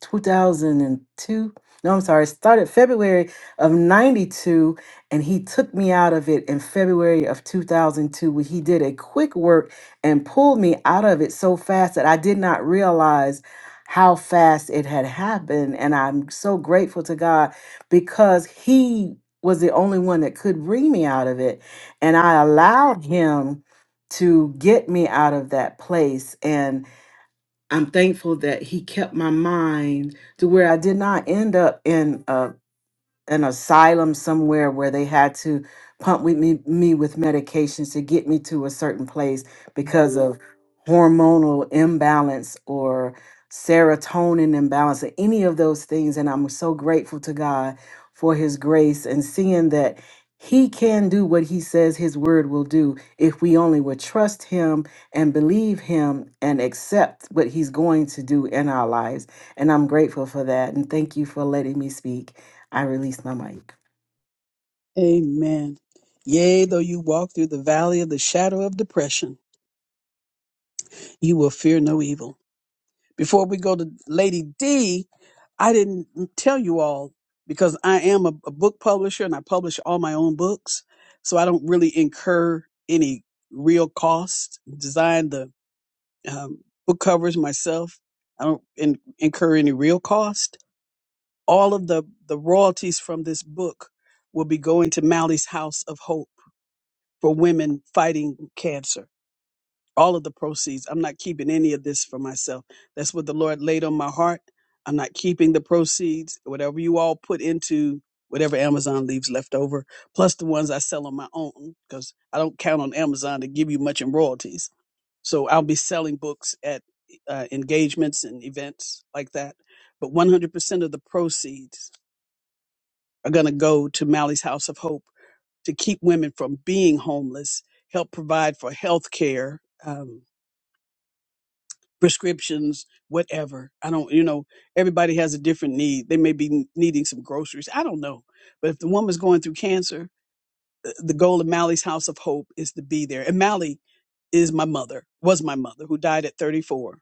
2002. No, I'm sorry, it started February of 92 and he took me out of it in February of 2002 when he did a quick work and pulled me out of it so fast that I did not realize how fast it had happened. And I'm so grateful to God because He was the only one that could bring me out of it. And I allowed Him to get me out of that place. And I'm thankful that He kept my mind to where I did not end up in a an asylum somewhere where they had to pump with me, me with medications to get me to a certain place because Mhm. of hormonal imbalance or serotonin imbalance or any of those things and I'm so grateful to God for his grace and seeing that he can do what he says his word will do if we only would trust him and believe him and accept what he's going to do in our lives and I'm grateful for that and thank you for letting me speak I release my mic. Amen. Yea, though you walk through the valley of the shadow of depression, you will fear no evil Before we go to Lady D, I didn't tell you all because I am a, a book publisher and I publish all my own books. So I don't really incur any real cost. Design the um, book covers myself. I don't in, incur any real cost. All of the, the royalties from this book will be going to Mally's House of Hope for women fighting cancer all of the proceeds. I'm not keeping any of this for myself. That's what the Lord laid on my heart. I'm not keeping the proceeds, whatever you all put into whatever Amazon leaves left over, plus the ones I sell on my own, because I don't count on Amazon to give you much in royalties. So I'll be selling books at uh, engagements and events like that. But 100% of the proceeds are going to go to Mally's House of Hope to keep women from being homeless, help provide for health care. prescriptions, whatever. I don't, you know, everybody has a different need. They may be needing some groceries. I don't know. But if the woman's going through cancer, the the goal of Mally's House of Hope is to be there. And Mally is my mother, was my mother, who died at 34.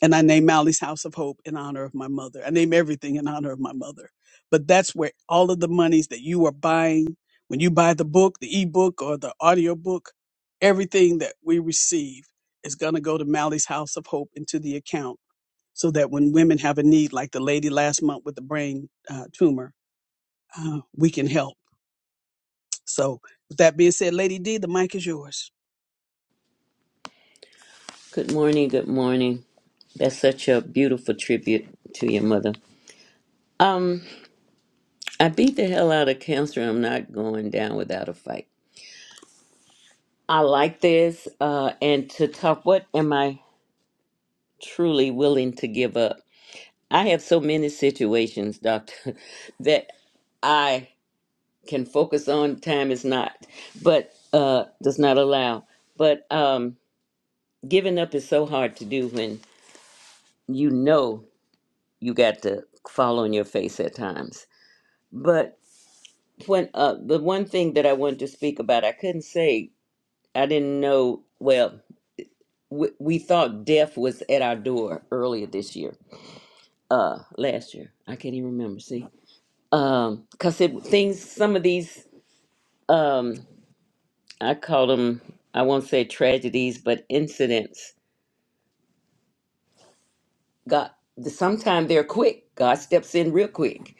And I name Mally's House of Hope in honor of my mother. I name everything in honor of my mother. But that's where all of the monies that you are buying, when you buy the book, the ebook or the audio book, everything that we receive is going to go to Mally's House of Hope into the account so that when women have a need, like the lady last month with the brain uh, tumor, uh, we can help. So with that being said, Lady D, the mic is yours. Good morning, good morning. That's such a beautiful tribute to your mother. Um, I beat the hell out of cancer. I'm not going down without a fight. I like this, uh, and to talk, what am I truly willing to give up? I have so many situations, doctor, (laughs) that I can focus on. Time is not, but uh, does not allow. But um, giving up is so hard to do when you know you got to fall on your face at times But when uh, the one thing that I wanted to speak about, I couldn't say I didn't know. Well, we, we thought death was at our door earlier this year, uh, last year. I can't even remember. See, um, cause it things. Some of these, um, I call them. I won't say tragedies, but incidents. God, sometimes they're quick. God steps in real quick,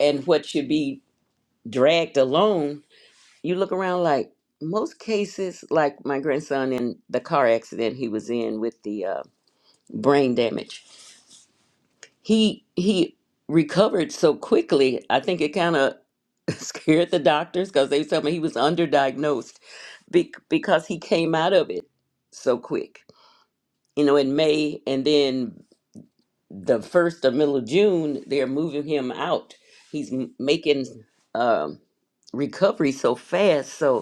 and what should be dragged along you look around like most cases like my grandson in the car accident he was in with the uh, brain damage he he recovered so quickly i think it kind of (laughs) scared the doctors because they told me he was underdiagnosed be- because he came out of it so quick you know in may and then the first or middle of june they're moving him out he's m- making um, recovery so fast so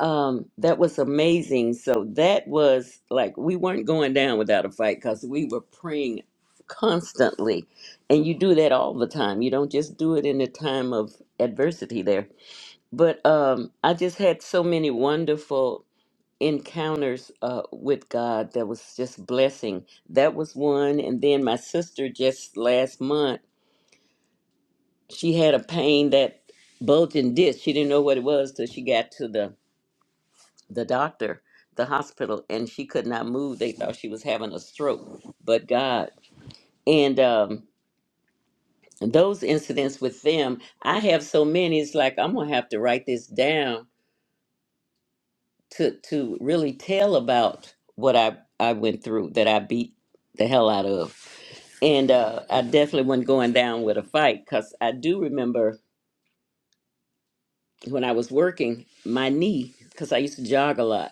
um that was amazing so that was like we weren't going down without a fight because we were praying constantly and you do that all the time you don't just do it in the time of adversity there but um i just had so many wonderful encounters uh with god that was just blessing that was one and then my sister just last month she had a pain that bulging disc she didn't know what it was till she got to the the doctor, the hospital, and she could not move. They thought she was having a stroke, but God. And um, those incidents with them, I have so many. It's like I'm gonna have to write this down to to really tell about what I I went through that I beat the hell out of. And uh, I definitely wasn't going down with a fight because I do remember when I was working my knee because I used to jog a lot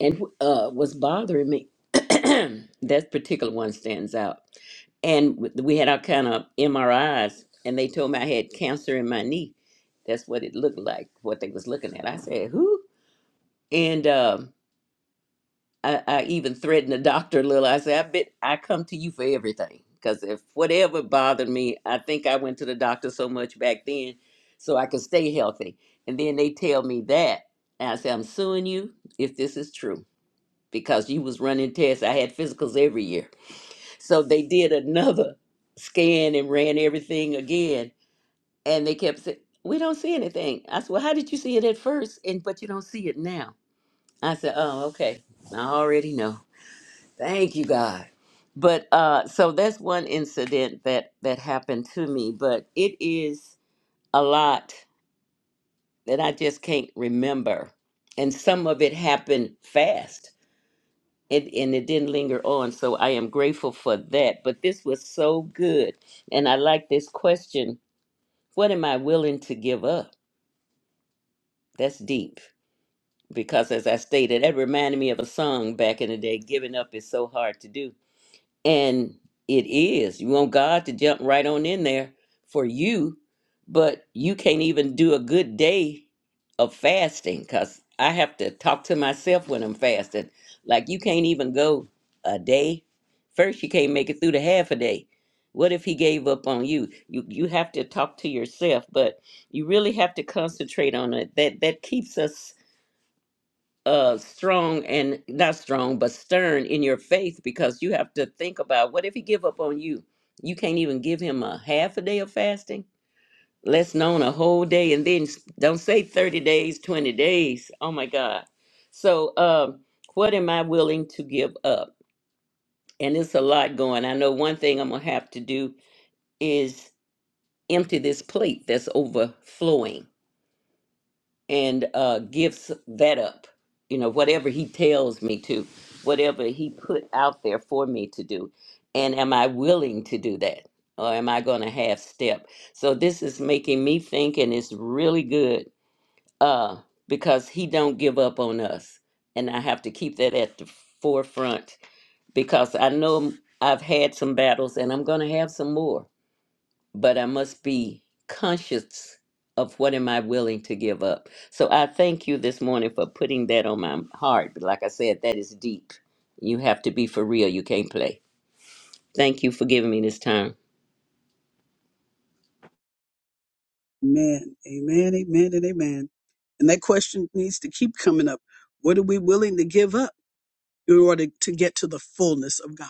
and uh, was bothering me. (clears throat) that particular one stands out. And w- we had our kind of MRIs, and they told me I had cancer in my knee. That's what it looked like, what they was looking at. I said, "Who?" And um, I, I even threatened the doctor a little. I said, "I bet I come to you for everything, because if whatever bothered me, I think I went to the doctor so much back then, so I could stay healthy." And then they tell me that, and I said, "I'm suing you if this is true." because you was running tests. I had physicals every year. So they did another scan and ran everything again. And they kept saying, We don't see anything. I said, Well, how did you see it at first? And but you don't see it now. I said, Oh, okay. I already know. Thank you, God. But uh so that's one incident that that happened to me, but it is a lot that I just can't remember. And some of it happened fast it, and it didn't linger on. So I am grateful for that. But this was so good. And I like this question What am I willing to give up? That's deep. Because as I stated, that reminded me of a song back in the day Giving up is so hard to do. And it is. You want God to jump right on in there for you, but you can't even do a good day of fasting because I have to talk to myself when I'm fasting. Like, you can't even go a day. First, you can't make it through the half a day. What if he gave up on you? You you have to talk to yourself, but you really have to concentrate on it. That that keeps us uh strong and not strong but stern in your faith because you have to think about what if he give up on you you can't even give him a half a day of fasting less known a whole day and then s- don't say 30 days 20 days oh my god so um what am i willing to give up and it's a lot going i know one thing i'm gonna have to do is empty this plate that's overflowing and uh, gives that up. You know, whatever he tells me to, whatever he put out there for me to do. And am I willing to do that? Or am I going to half step? So this is making me think, and it's really good uh, because he don't give up on us. And I have to keep that at the forefront because I know I've had some battles and I'm going to have some more but I must be conscious of what am I willing to give up. So I thank you this morning for putting that on my heart. But like I said, that is deep. You have to be for real. You can't play. Thank you for giving me this time. Amen. Amen. Amen. And amen. And that question needs to keep coming up. What are we willing to give up in order to get to the fullness of God?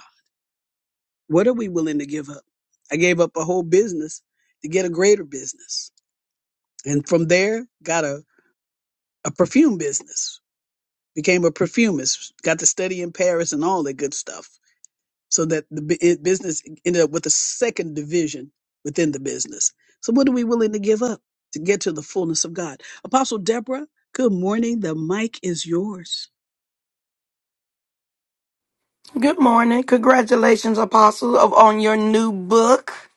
What are we willing to give up? I gave up a whole business to get a greater business. And from there, got a, a perfume business, became a perfumist, got to study in Paris and all that good stuff. so that the bu- it- business ended up with a second division within the business. So, what are we willing to give up to get to the fullness of God? Apostle Deborah, good morning. The mic is yours. Good morning. Congratulations, Apostle, of on your new book.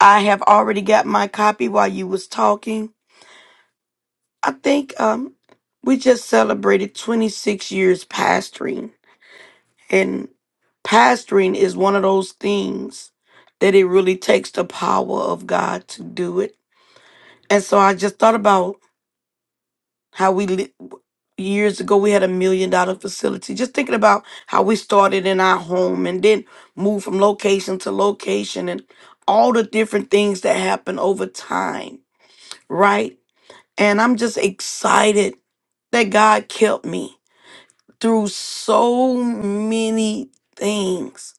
I have already got my copy while you was talking. I think um we just celebrated 26 years pastoring and pastoring is one of those things that it really takes the power of God to do it. And so I just thought about how we li- years ago we had a million dollar facility just thinking about how we started in our home and then moved from location to location and all the different things that happen over time right and i'm just excited that god kept me through so many things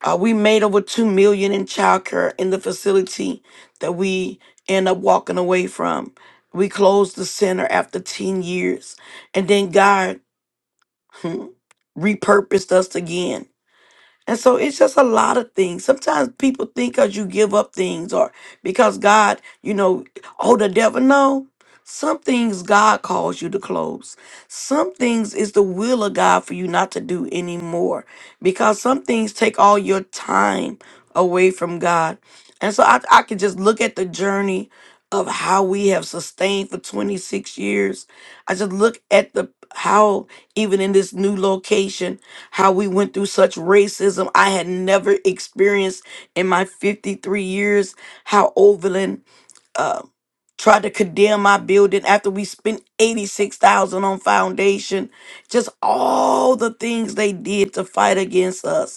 uh, we made over two million in childcare in the facility that we end up walking away from. We closed the center after ten years, and then God hmm, repurposed us again and so it's just a lot of things. Sometimes people think because you give up things or because God, you know, oh, the devil. No. Some things God calls you to close. Some things is the will of God for you not to do anymore because some things take all your time away from God. And so I, I can just look at the journey of how we have sustained for 26 years. I just look at the how even in this new location how we went through such racism I had never experienced in my 53 years, how Overland uh, tried to condemn my building after we spent 86,000 on foundation, just all the things they did to fight against us.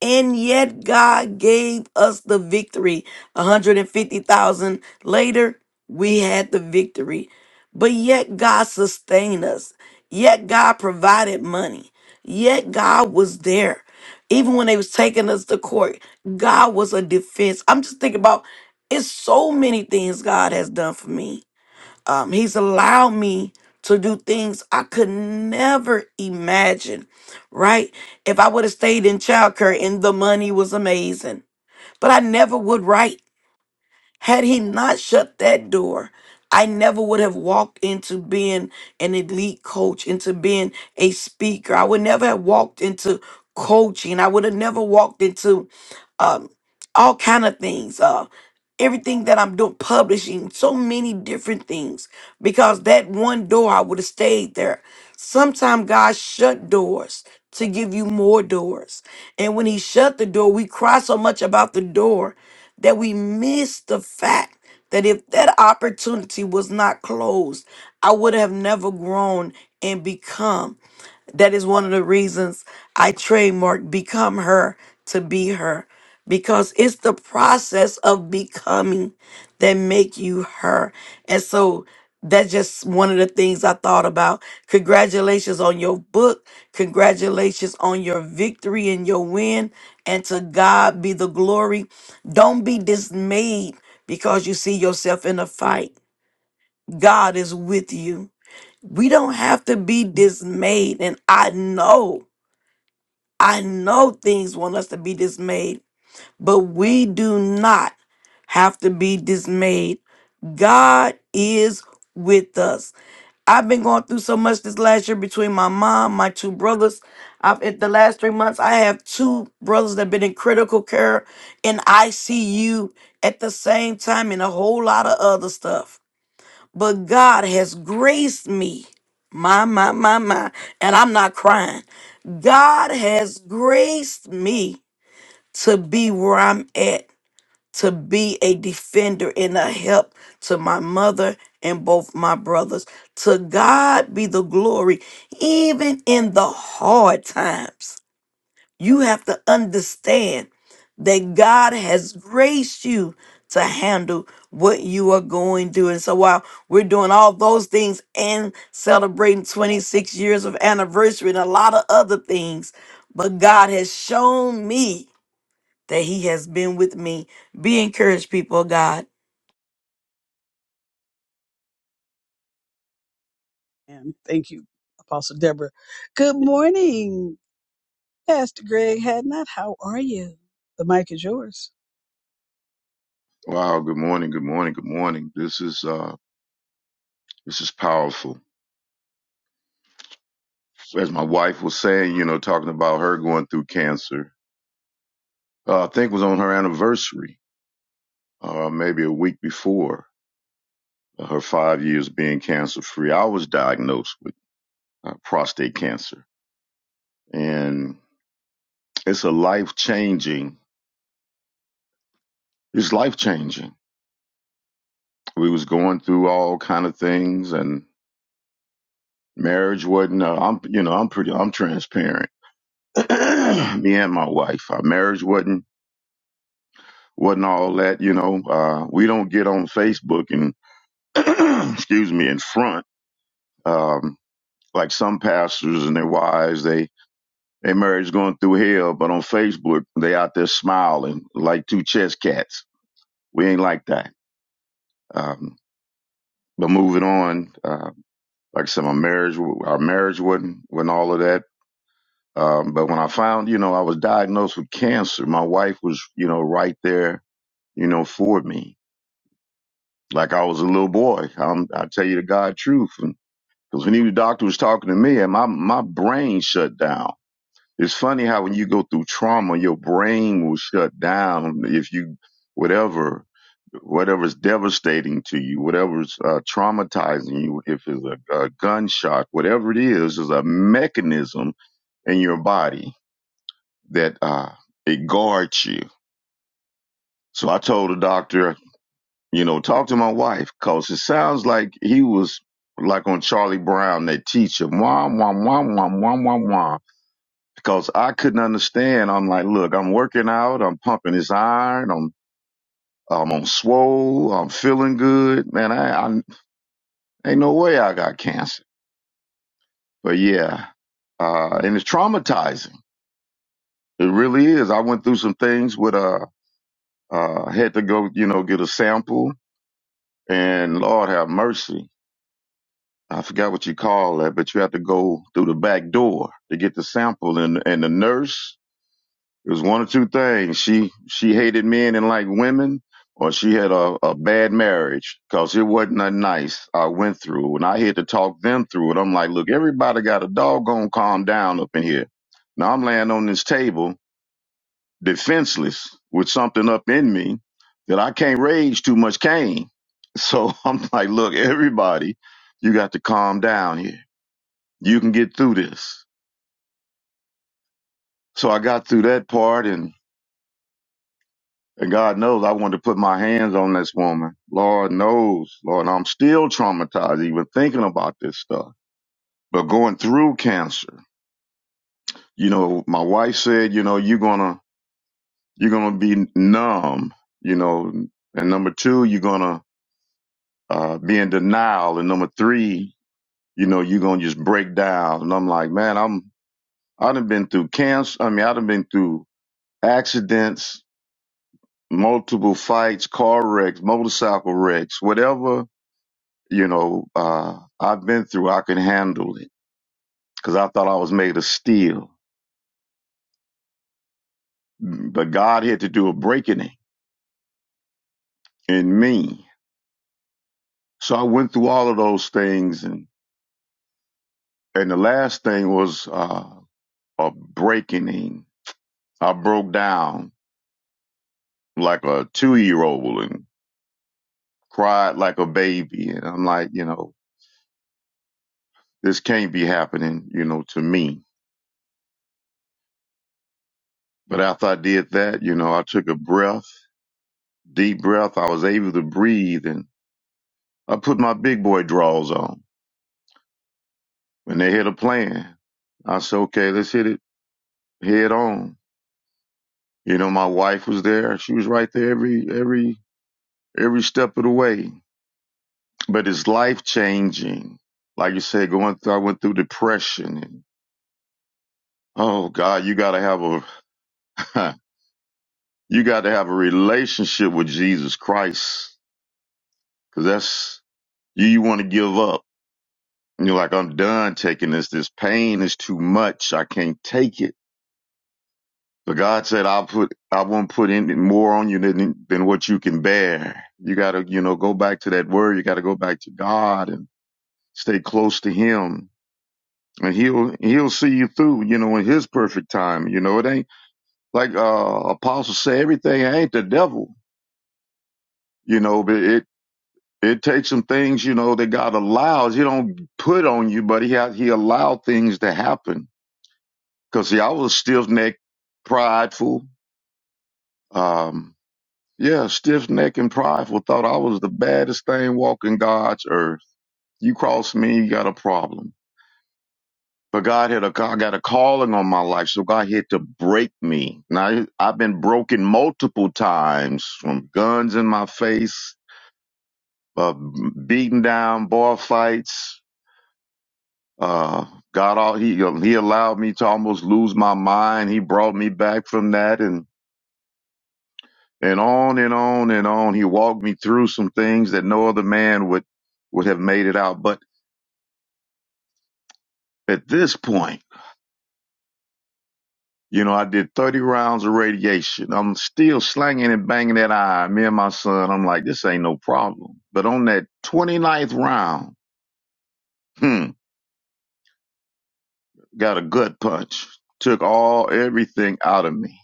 And yet God gave us the victory. 150,000 later, we had the victory. But yet God sustained us. Yet God provided money. Yet God was there. Even when they was taking us to court, God was a defense. I'm just thinking about it's so many things God has done for me um, he's allowed me to do things I could never imagine, right? If I would have stayed in childcare and the money was amazing, but I never would write. Had he not shut that door, I never would have walked into being an elite coach, into being a speaker. I would never have walked into coaching. I would have never walked into um, all kind of things. Uh, everything that I'm doing, publishing, so many different things. Because that one door, I would have stayed there. Sometimes God shut doors to give you more doors. And when He shut the door, we cry so much about the door that we miss the fact that if that opportunity was not closed, I would have never grown and become. That is one of the reasons I trademarked become her to be her because it's the process of becoming that make you her. And so that's just one of the things I thought about. Congratulations on your book. Congratulations on your victory and your win. And to God be the glory. Don't be dismayed because you see yourself in a fight. God is with you. We don't have to be dismayed. And I know. I know things want us to be dismayed, but we do not have to be dismayed. God is with us. I've been going through so much this last year between my mom, my two brothers. I've in the last three months, I have two brothers that have been in critical care in ICU at the same time and a whole lot of other stuff but God has graced me. My, my, my, my. And I'm not crying. God has graced me to be where I'm at, to be a defender and a help to my mother and both my brothers. To God be the glory, even in the hard times. You have to understand that God has graced you to handle what you are going through. And so while we're doing all those things and celebrating 26 years of anniversary and a lot of other things, but God has shown me that He has been with me. Be encouraged, people of God. And thank you, Apostle Deborah. Good morning, Pastor Greg Hadnot. How are you? The mic is yours. Wow, good morning, good morning, good morning. This is uh this is powerful. As my wife was saying, you know, talking about her going through cancer. Uh, I think it was on her anniversary, uh maybe a week before uh, her 5 years being cancer free. I was diagnosed with uh, prostate cancer and it's a life-changing. It's life-changing. We was going through all kind of things and marriage wasn't uh, I'm you know, I'm pretty I'm transparent. (clears throat) Me and my wife, our marriage wasn't wasn't all that, you know. Uh, we don't get on Facebook and (clears throat) excuse me in front um, like some pastors and their wives. They their marriage going through hell, but on Facebook they out there smiling like two chess cats. We ain't like that. Um, but moving on, uh, like I said, my marriage our marriage wasn't wasn't all of that. Um, but when I found, you know, I was diagnosed with cancer, my wife was, you know, right there, you know, for me like I was a little boy. Um, I tell you the God truth. Because when he was doctor was talking to me, and my my brain shut down. It's funny how when you go through trauma, your brain will shut down if you whatever whatever's devastating to you, whatever's uh, traumatizing you, if it's a, a gunshot, whatever it is, is a mechanism in your body that uh, it guards you. So I told the doctor, You know, talk to my wife, cause it sounds like he was like on Charlie Brown, that teacher, wah wah wah wah wah wah wah. Because I couldn't understand. I'm like, look, I'm working out, I'm pumping this iron, I'm I'm on swole, I'm feeling good, man. I, I ain't no way I got cancer. But yeah, uh, and it's traumatizing. It really is. I went through some things with uh, uh, had to go, you know, get a sample, and Lord have mercy I forgot what you call that, but you have to go through the back door to get the sample. And and the nurse, it was one or two things. She she hated men and liked women, or she had a, a bad marriage because it wasn't a nice I went through. And I had to talk them through it. I'm like, look, everybody got a doggone calm down up in here. Now I'm laying on this table defenseless with something up in me that I can't rage too much cane. So (laughs) I'm like, look, everybody, you got to calm down here you can get through this. So I got through that part and, and God knows I wanted to put my hands on this woman. Lord knows, Lord, I'm still traumatized even thinking about this stuff. But going through cancer, you know, my wife said, you know, you're gonna, you're gonna be numb, you know, and number two, you're gonna, uh, be in denial. And number three, you know, you're gonna just break down. And I'm like, man, I'm, I done been through cancer. I mean, I done been through accidents multiple fights, car wrecks, motorcycle wrecks, whatever, you know, uh, I've been through, I can handle it. Cause I thought I was made of steel, but God had to do a breaking in in me. So I went through all of those things. And, and the last thing was, uh, a breaking. I broke down like a two year old and cried like a baby. And I'm like, you know, this can't be happening, you know, to me. But after I did that, you know, I took a breath Deep breath, I was able to breathe and I put my big boy draws on. When they had a plan, I said, okay, let's hit it head on. You know, my wife was there. She was right there every, every, every step of the way. But it's life changing. Like you said, going through, I went through depression and oh God, you got to have a, (laughs) you got to have a relationship with Jesus Christ because that's you, you want to give up And you're like, I'm done taking this. This pain is too much. I can't take it. But God said, I'll put, I won't put any more on you than, than what you can bear. You gotta, you know, go back to that word. You gotta go back to God and stay close to Him. And He'll, He'll see you through, you know, in His perfect time. You know, it ain't like, uh, apostles say everything ain't the devil, you know, but it, it takes some things, you know, that God allows. He don't put on you, but he, ha- he allowed things to happen because see, I was stiff necked, prideful. Um, yeah, stiff necked and prideful. Thought I was the baddest thing walking God's earth. You cross me, you got a problem. But God had a, I got a calling on my life, so God had to break me. Now I've been broken multiple times from guns in my face, uh, beaten down, bar fights. Uh, God, all he he allowed me to almost lose my mind. He brought me back from that, and. and on and on and on. He walked me through some things that no other man would would have made it out. But at this point, you know, I did 30 rounds of radiation. I'm still slanging and banging that iron. Me and my son, I'm like, this ain't no problem. But on that 29th round, hmm, got a gut punch. Took all everything out of me.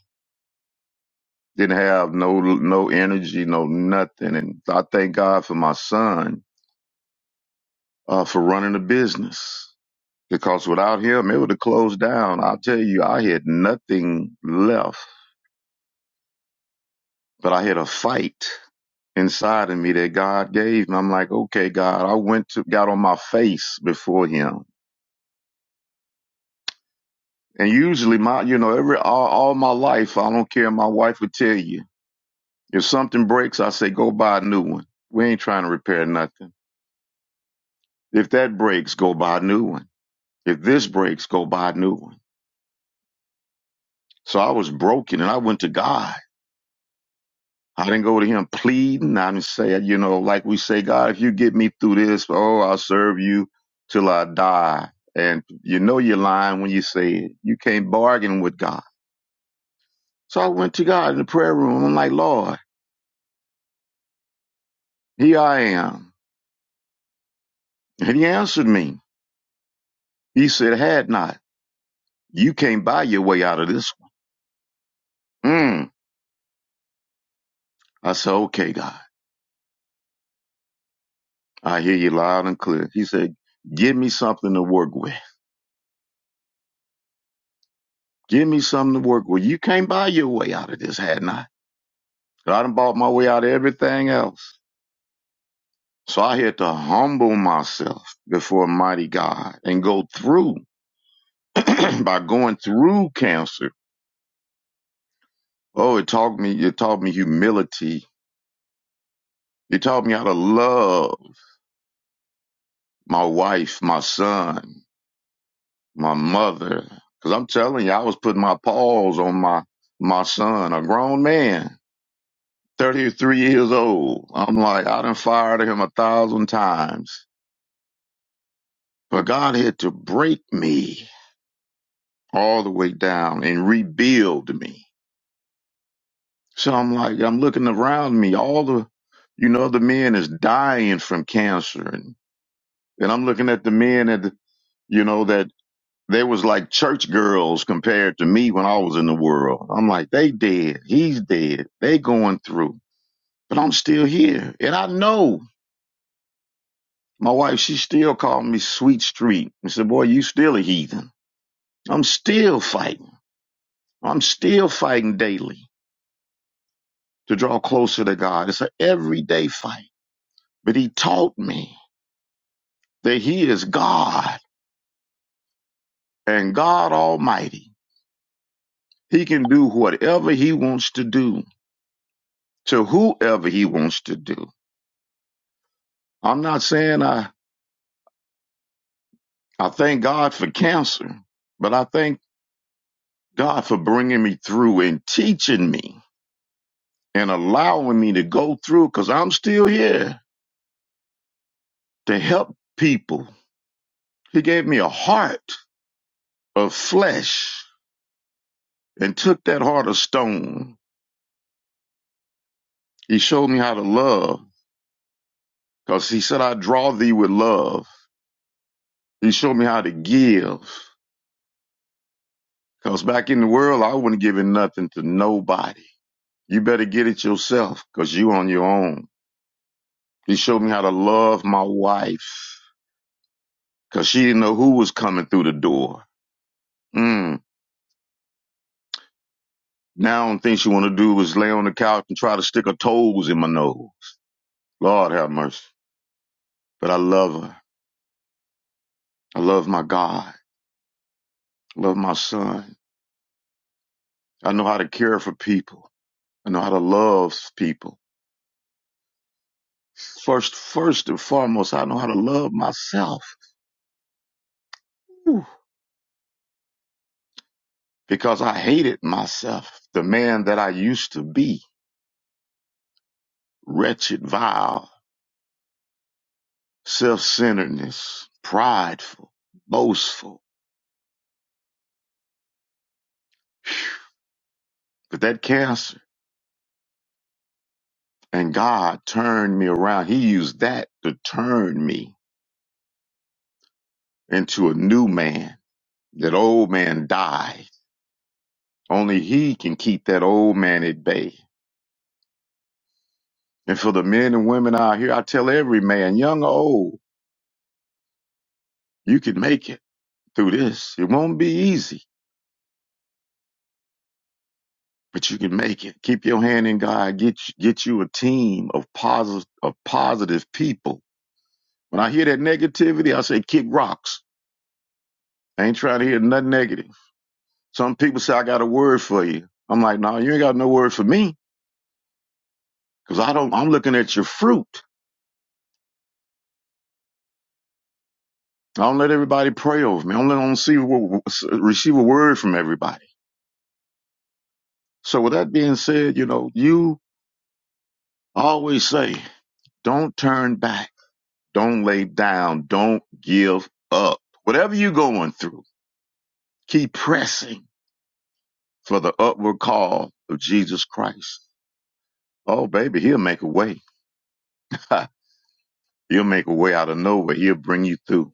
Didn't have no no energy, no nothing. And I thank God for my son uh, for running a business because without him, it would have closed down. I'll tell you, I had nothing left, but I had a fight inside of me that God gave me. I'm like, okay, God, I went to, got on my face before him. And usually my, you know, every, all, all my life, I don't care. My wife would tell you, if something breaks, I say, go buy a new one. We ain't trying to repair nothing. If that breaks, go buy a new one. If this breaks, go buy a new one. So I was broken and I went to God. I didn't go to him pleading. I didn't say, you know, like we say, God, if you get me through this, oh, I'll serve you till I die. And you know you're lying when you say it. You can't bargain with God. So I went to God in the prayer room. I'm like, Lord, here I am. And he answered me. He said, had not. You can't buy your way out of this one. Mm. I said, okay, God. I hear you loud and clear. He said, give me something to work with. Give me something to work with. You can't buy your way out of this, had not. I done bought my way out of everything else. So I had to humble myself before mighty God and go through (clears throat) by going through cancer. Oh, it taught me it taught me humility. It taught me how to love my wife, my son, my mother. Cause I'm telling you, I was putting my paws on my my son, a grown man, 33 years old. I'm like, I done fired him a thousand times. But God had to break me all the way down and rebuild me. So I'm like, I'm looking around me, all the, you know, the men is dying from cancer. And, and I'm looking at the men at the, you know, that they was like church girls compared to me when I was in the world. I'm like, they dead. He's dead. They going through, but I'm still here. And I know my wife, she still called me sweet street and said, boy, you still a heathen. I'm still fighting. I'm still fighting daily. to draw closer to God. It's an everyday fight. But he taught me that he is God and God Almighty. He can do whatever he wants to do to whoever he wants to do. I'm not saying I, I thank God for cancer, but I thank God for bringing me through and teaching me and allowing me to go through because I'm still here to help people. He gave me a heart of flesh and took that heart of stone He showed me how to love because he said, I draw thee with love. He showed me how to give because back in the world, I wasn't giving nothing to nobody. You better get it yourself because you on your own. He showed me how to love my wife because she didn't know who was coming through the door. Mm. Now, the only thing she want to do is lay on the couch and try to stick her toes in my nose. Lord have mercy. But I love her. I love my God. I love my son. I know how to care for people. I know how to love people. First, first and foremost, I know how to love myself Whew. because I hated myself, the man that I used to be, wretched, vile, self-centeredness, prideful, boastful. But that cancer and God turned me around. He used that to turn me into a new man. That old man died. Only he can keep that old man at bay. And for the men and women out here, I tell every man, young or old, you can make it through this. It won't be easy, but you can make it. Keep your hand in God. Get get you a team of positive of positive people. When I hear that negativity, I say kick rocks. I ain't trying to hear nothing negative. Some people say I got a word for you. I'm like, no, you ain't got no word for me, cause I don't. I'm looking at your fruit. I don't let everybody pray over me. I don't let I don't see receive a word from everybody. So with that being said, you know you I always say, don't turn back. Don't lay down. Don't give up. Whatever you're going through, keep pressing for the upward call of Jesus Christ. Oh, baby, he'll make a way. (laughs) he'll make a way out of nowhere. He'll bring you through.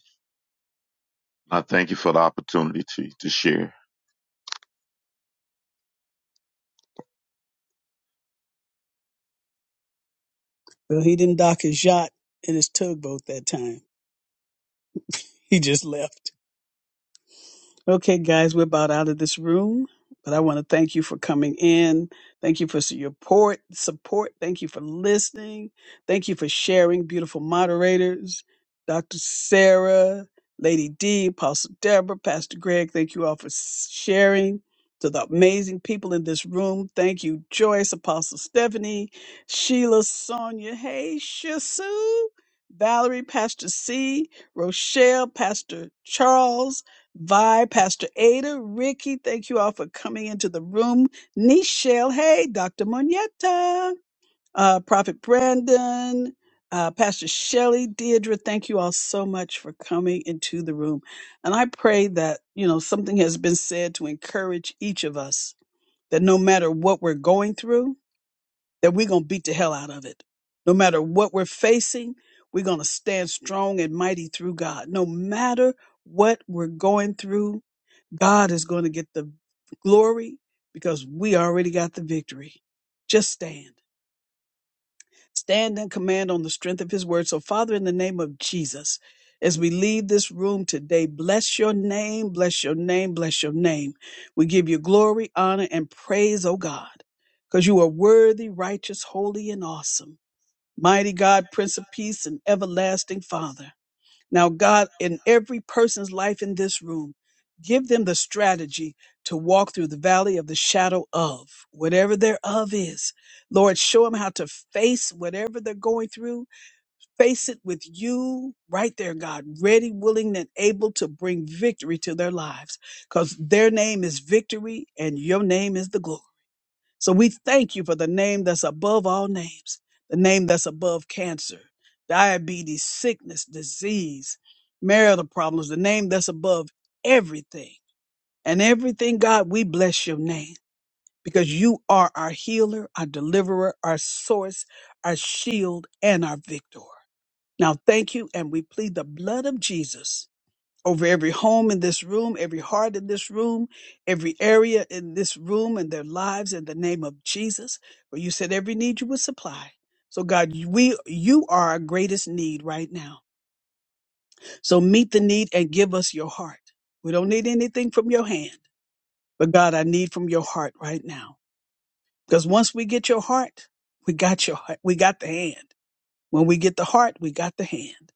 I thank you for the opportunity to, to share. Well, he didn't dock his yacht and his tugboat that time. He just left. Okay, guys, we're about out of this room, but I want to thank you for coming in. Thank you for your support. Support. Thank you for listening. Thank you for sharing. Beautiful moderators, Dr. Sarah, Lady D, Apostle Deborah, Pastor Greg. Thank you all for s- sharing. To the amazing people in this room, thank you, Joyce, Apostle Stephanie, Sheila, Sonia, hey, Shasu, Valerie, Pastor C, Rochelle, Pastor Charles. Vi, Pastor Ada, Ricky, thank you all for coming into the room. Nichelle, hey, Dr. Moneta, uh, Prophet Brandon, uh, Pastor Shelley, Deirdre, thank you all so much for coming into the room. And I pray that, you know, something has been said to encourage each of us that no matter what we're going through, that we're going to beat the hell out of it. No matter what we're facing, we're going to stand strong and mighty through God. No matter what we're going through, God is going to get the glory because we already got the victory. Just stand stand and command on the strength of his word. So, Father, in the name of Jesus, as we leave this room today, bless your name, bless your name, bless your name. We give you glory, honor, and praise, oh God, because you are worthy, righteous, holy, and awesome. Mighty God, Prince of Peace, and everlasting Father. Now, God, in every person's life in this room, give them the strategy to walk through the valley of the shadow of whatever their of is. Lord, show them how to face whatever they're going through. Face it with you right there, God, ready, willing, and able to bring victory to their lives because their name is victory and your name is the glory. So we thank you for the name that's above all names, the name that's above cancer, diabetes, sickness, disease, marital problems, the name that's above everything. And everything, God, we bless your name because you are our healer, our deliverer, our source, our shield, and our victor. Now, thank you, and we plead the blood of Jesus over every home in this room, every heart in this room, every area in this room and their lives in the name of Jesus. For you said every need you would supply. So God, we you are our greatest need right now. So meet the need and give us your heart. We don't need anything from your hand, but God, I need from your heart right now. Because once we get your heart, we got your heart, we got the hand. When we get the heart, we got the hand.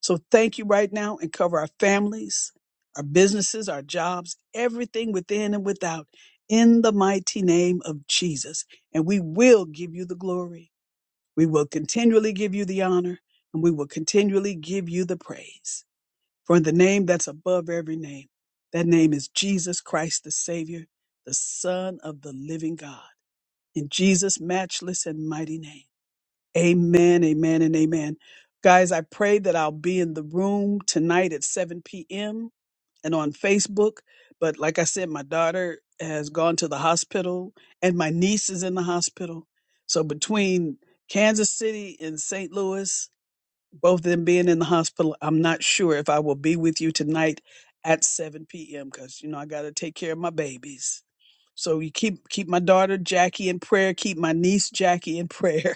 So thank you right now and cover our families, our businesses, our jobs, everything within and without in the mighty name of Jesus. And we will give you the glory. We will continually give you the honor and we will continually give you the praise. For in the name that's above every name, that name is Jesus Christ, the Savior, the Son of the living God. In Jesus' matchless and mighty name. Amen, amen, and amen. Guys, I pray that I'll be in the room tonight at 7 p.m. and on Facebook. But like I said, my daughter has gone to the hospital and my niece is in the hospital. So between Kansas City and St. Louis, both of them being in the hospital, I'm not sure if I will be with you tonight at 7 p.m. because, you know, I got to take care of my babies. So you keep keep my daughter Jackie in prayer, keep my niece Jackie in prayer.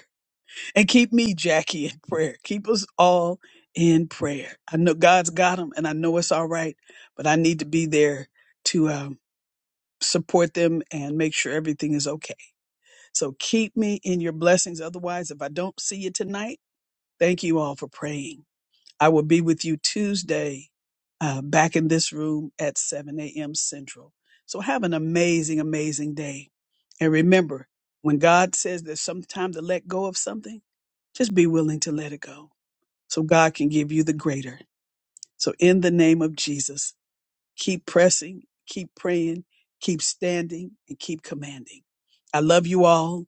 And keep me, Jackie, in prayer. Keep us all in prayer. I know God's got them, and I know it's all right, but I need to be there to um, support them and make sure everything is okay. So keep me in your blessings. Otherwise, if I don't see you tonight, thank you all for praying. I will be with you Tuesday uh, back in this room at 7 a.m. Central. So have an amazing, amazing day. And remember, when God says there's some time to let go of something, just be willing to let it go so God can give you the greater. So in the name of Jesus, Keep pressing, keep praying, keep standing, and keep commanding. I love you all.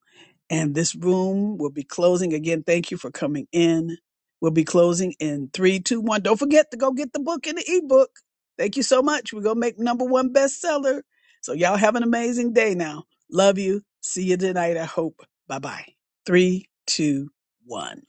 And this room will be closing. Again, thank you for coming in. We'll be closing in three, two, one. Don't forget to go get the book and the ebook. Thank you so much. We're going to make number one bestseller. So, y'all have an amazing day now. Love you. See you tonight, I hope. Bye bye. Three, two, one.